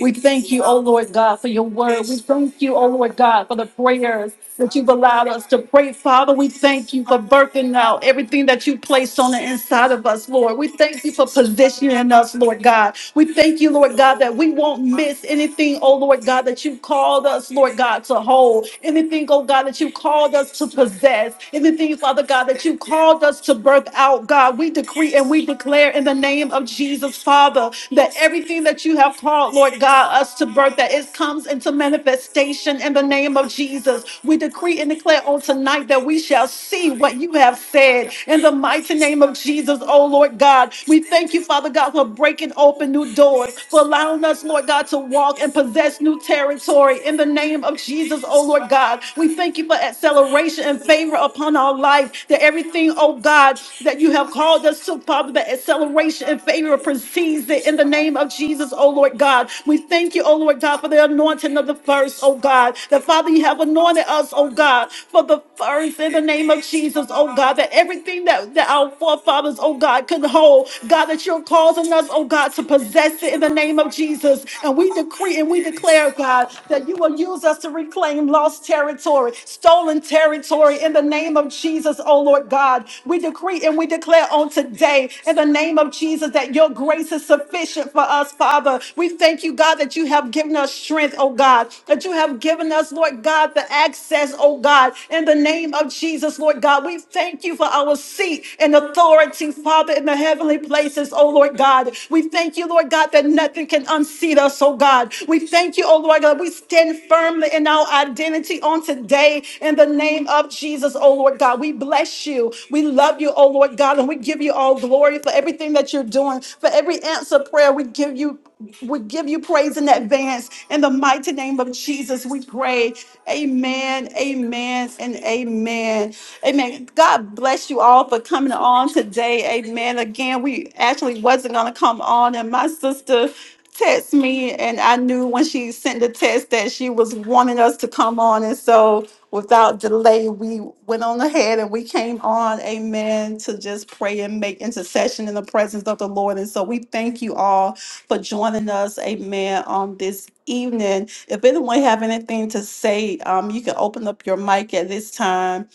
Speaker 1: We thank you, oh Lord God, for your word. We thank you, oh Lord God, for the prayers that you've allowed us to pray. Father, we thank you for birthing out everything that you placed on the inside of us, Lord. We thank you for positioning us, Lord God. We thank you, Lord God, that we won't miss anything, oh Lord God, that you called us, Lord God, to hold. Anything, oh God, that you called us to possess. Anything, Father God, that you called us to birth out, God. God. We decree and we declare in the name of Jesus, Father, that everything that you have called, Lord God, us to birth, that it comes into manifestation in the name of Jesus. We decree and declare on tonight that we shall see what you have said in the mighty name of Jesus, oh Lord God. We thank you, Father God, for breaking open new doors, for allowing us, Lord God, to walk and possess new territory in the name of Jesus, oh Lord God. We thank you for acceleration and favor upon our life. That everything, oh God, that you have called us to, Father, that acceleration and favor precedes it in the name of Jesus, oh Lord God. We thank you, oh Lord God, for the anointing of the first, oh God. That Father, you have anointed us, oh God, for the first in the name of Jesus, oh God. That everything that, that our forefathers, oh God, could hold, God, that you're causing us, oh God, to possess it in the name of name of Jesus. And we decree and we declare, God, that you will use us to reclaim lost territory, stolen territory in the name of Jesus, oh Lord God. We decree and we declare on today in the name of Jesus that your grace is sufficient for us, Father. We thank you, God, that you have given us strength, oh God, that you have given us, Lord God, the access, oh God, in the name of Jesus, Lord God. We thank you for our seat feet and authority, Father, in the heavenly places, oh Lord God. We thank you, Lord God, that nothing can unseat us, oh God. We thank you, oh Lord God. We stand firmly in our identity on today in the name of Jesus, oh Lord God. We bless you. We love you, oh Lord God, and we give you all glory for everything that you're doing, for every answer prayer. We give you we give you praise in advance. In the mighty name of Jesus, we pray. Amen, amen, and amen. Amen. God bless you all for coming on today. Amen. Again, we actually wasn't gonna come on, and my sister texted me, and I knew when she sent the text that she was wanting us to come on, and so without delay, we went on ahead and we came on. Amen. To just pray and make intercession in the presence of the Lord, and so we thank you all for joining us. Amen. On this evening, if anyone have anything to say, um, you can open up your mic at this time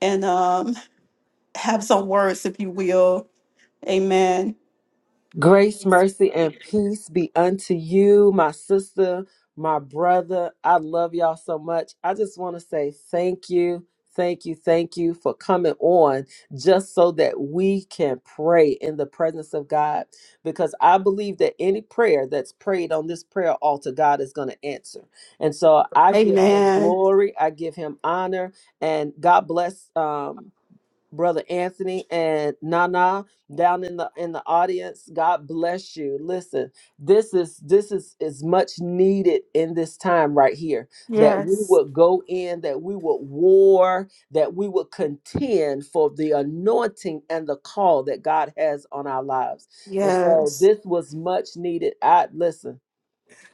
Speaker 1: and um, have some words, if you will. Amen.
Speaker 2: Grace, mercy, and peace be unto you, my sister, my brother. I love y'all so much. I just want to say thank you, thank you, thank you for coming on just so that we can pray in the presence of God. Because I believe that any prayer that's prayed on this prayer altar, God is going to answer. And so I give him
Speaker 1: Amen.
Speaker 2: glory, I give him honor, and God bless. Um, brother Anthony and Nana down in the in the audience. God bless you. Listen, this is this is is much needed in this time right here that we
Speaker 1: Yes.
Speaker 2: would go in, that we would war, that we would contend for the anointing and the call that God has on our lives. And so
Speaker 1: Yes.
Speaker 2: this was much needed. I listen.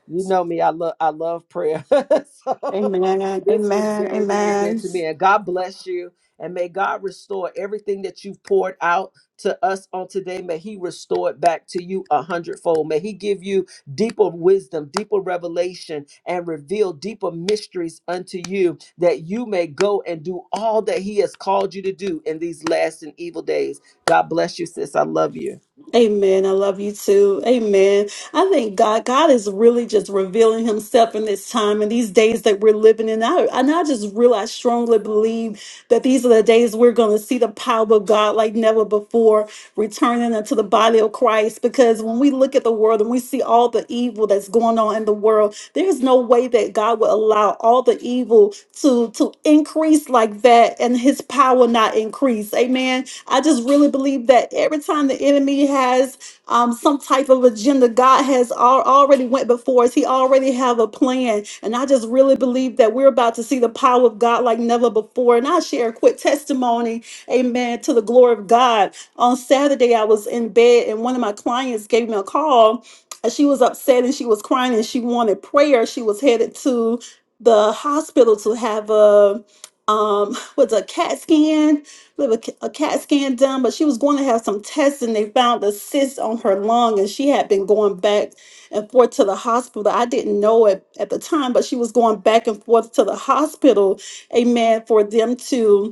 Speaker 2: You know me, I love I love prayer. so
Speaker 1: Amen.
Speaker 2: this was
Speaker 1: Amen.
Speaker 2: very, very good
Speaker 1: Amen.
Speaker 2: to me. And God bless you. And may God restore everything that you've poured out to us on today. May He restore it back to you a hundredfold. May He give you deeper wisdom, deeper revelation, and reveal deeper mysteries unto you that you may go and do all that He has called you to do in these last and evil days. God bless you, sis. I love you.
Speaker 1: Amen. I love you too. Amen. I thank God. God is really just revealing Himself in this time and these days that we're living in. I, and I just really, I strongly believe that these are the days we're going to see the power of God like never before, returning unto the body of Christ. Because when we look at the world and we see all the evil that's going on in the world, there's no way that God would allow all the evil to to increase like that and His power not increase. Amen. I just really believe that every time the enemy has um, some type of agenda, God has al- already went before us. He already have a plan, and I just really believe that we're about to see the power of God like never before. And I share a quick testimony, Amen, to the glory of God. On Saturday, I was in bed, and one of my clients gave me a call. and She was upset and she was crying and she wanted prayer. She was headed to the hospital to have a um was a cat scan we have a, c- a CAT scan done, but she was going to have some tests, and they found a cyst on her lung, and she had been going back and forth to the hospital. I didn't know it at the time, but she was going back and forth to the hospital, amen, for them to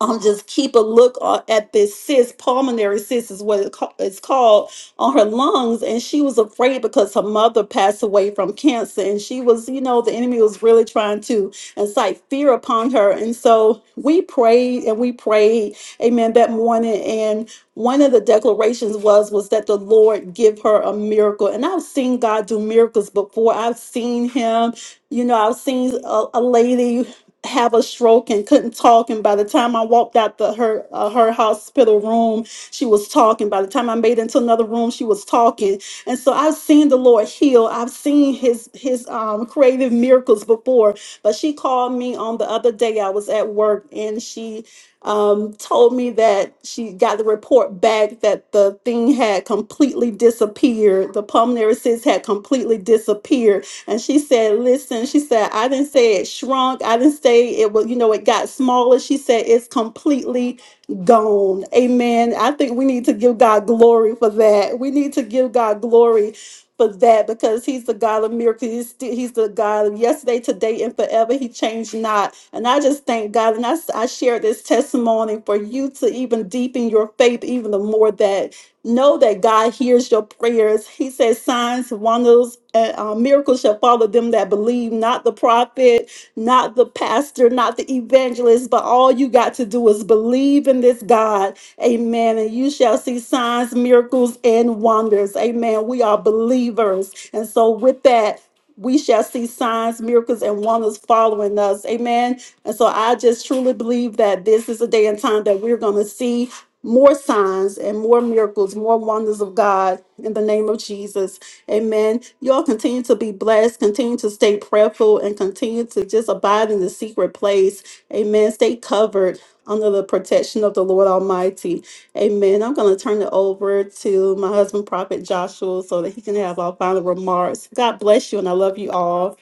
Speaker 1: um, just keep a look a- at this cyst, pulmonary cyst is what it ca- it's called, on her lungs. And she was afraid because her mother passed away from cancer. And she was, you know, the enemy was really trying to incite fear upon her. And so we prayed and we prayed, amen, that morning. And one of the declarations was, was that the Lord give her a miracle. And I've seen God do miracles before. I've seen him, you know, I've seen a, a lady have a stroke and couldn't talk and by the time i walked out the her uh, her hospital room she was talking by the time i made it into another room she was talking and so i've seen the lord heal i've seen his his um creative miracles before but she called me on the other day i was at work and she um told me that she got the report back that the thing had completely disappeared the pulmonary cyst had completely disappeared and she said, Listen, she said, I didn't say it shrunk. I didn't say it was, you know, it got smaller. She said, It's completely gone. Amen. I think we need to give God glory for that. We need to give God glory for that because he's the God of miracles. He's, sti- he's the God of yesterday, today, and forever. He changed not. And I just thank God. And I, s- I share this testimony for you to even deepen your faith even the more that Know that God hears your prayers. He says, signs, wonders, and uh, miracles shall follow them that believe, not the prophet, not the pastor, not the evangelist, but all you got to do is believe in this God. Amen. And you shall see signs, miracles, and wonders. Amen. We are believers. And so, with that, we shall see signs, miracles, and wonders following us. Amen. And so I just truly believe that this is a day and time that we're going to see more signs and more miracles, more wonders of God in the name of Jesus. Amen. Y'all continue to be blessed, continue to stay prayerful, and continue to just abide in the secret place. Amen. Stay covered under the protection of the Lord Almighty. Amen. I'm going to turn it over to my husband, Prophet Joshua, so that he can have our final remarks. God bless you, and I love you all.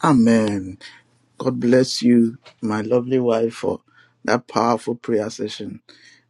Speaker 3: Amen. God bless you, my lovely wife, for that powerful prayer session.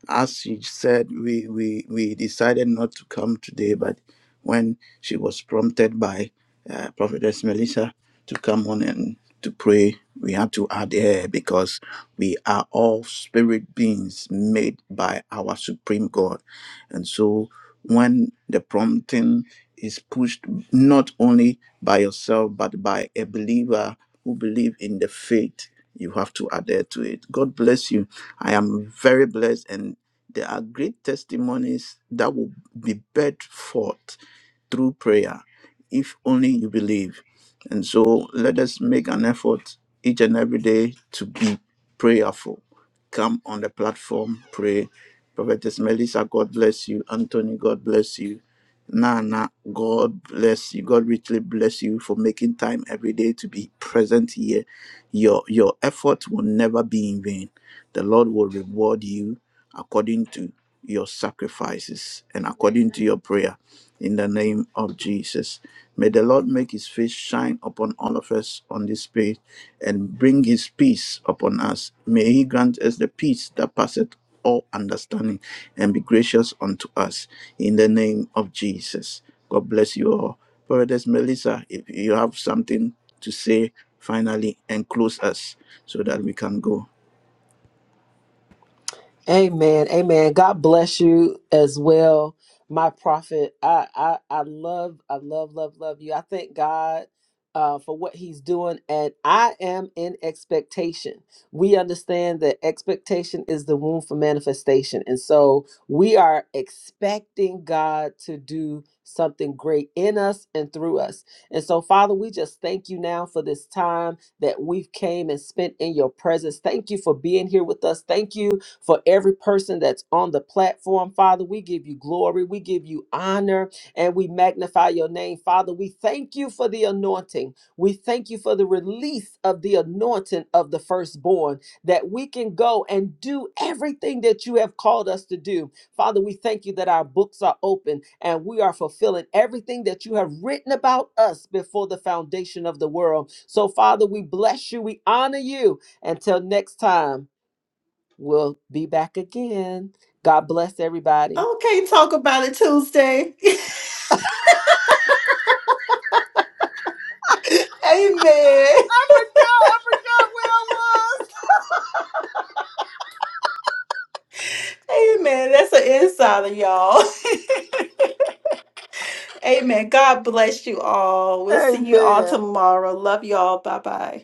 Speaker 3: As she said, we, we, we decided not to come today, but when she was prompted by uh, Prophetess Melissa to come on and to pray, we had to add air because we are all spirit beings made by our Supreme God. And so when the prompting is pushed not only by yourself but by a believer who believe in the faith you have to adhere to it god bless you i am very blessed and there are great testimonies that will be bred forth through prayer if only you believe. And so let us make an effort each and every day to be prayerful. Come on the platform, pray. Prophetess Melissa, God bless you. Anthony, God bless you. Nana, God bless you. God richly bless you for making time every day to be present here. Your your effort will never be in vain. The Lord will reward you according to your sacrifices and according to your prayer in the name of Jesus. May the Lord make his face shine upon all of us on this page and bring his peace upon us. May he grant us the peace that passeth all understanding and be gracious unto us in the name of Jesus. God bless you all. Prophetess Melissa, if you have something to say finally and close us so that we can go.
Speaker 2: Amen. Amen. God bless you as well, my prophet. I I, I love, I love, love, love you. I thank God uh, for what He's doing, and I am in expectation. We understand that expectation is the womb for manifestation, and so we are expecting God to do something great in us and through us. And so, Father, we just thank you now for this time that we've came and spent in your presence. Thank you for being here with us. Thank you for every person that's on the platform. Father, we give you glory, we give you honor, and we magnify your name. Father, we thank you for the anointing. We thank you for the release of the anointing of the firstborn that we can go and do everything that you have called us to do. Father, we thank you that our books are open and we are fulfilling everything that you have written about us before the foundation of the world. So, Father, we bless you, we honor you. Until next time. We'll be back again. God bless everybody.
Speaker 1: Okay, talk about it Tuesday. Amen.
Speaker 2: I forgot. I
Speaker 1: Amen. That's an insider, y'all. Amen. God bless you all. We'll
Speaker 2: forgot where I was.
Speaker 1: see you all
Speaker 2: Amen.
Speaker 1: tomorrow. Love you all. Bye bye.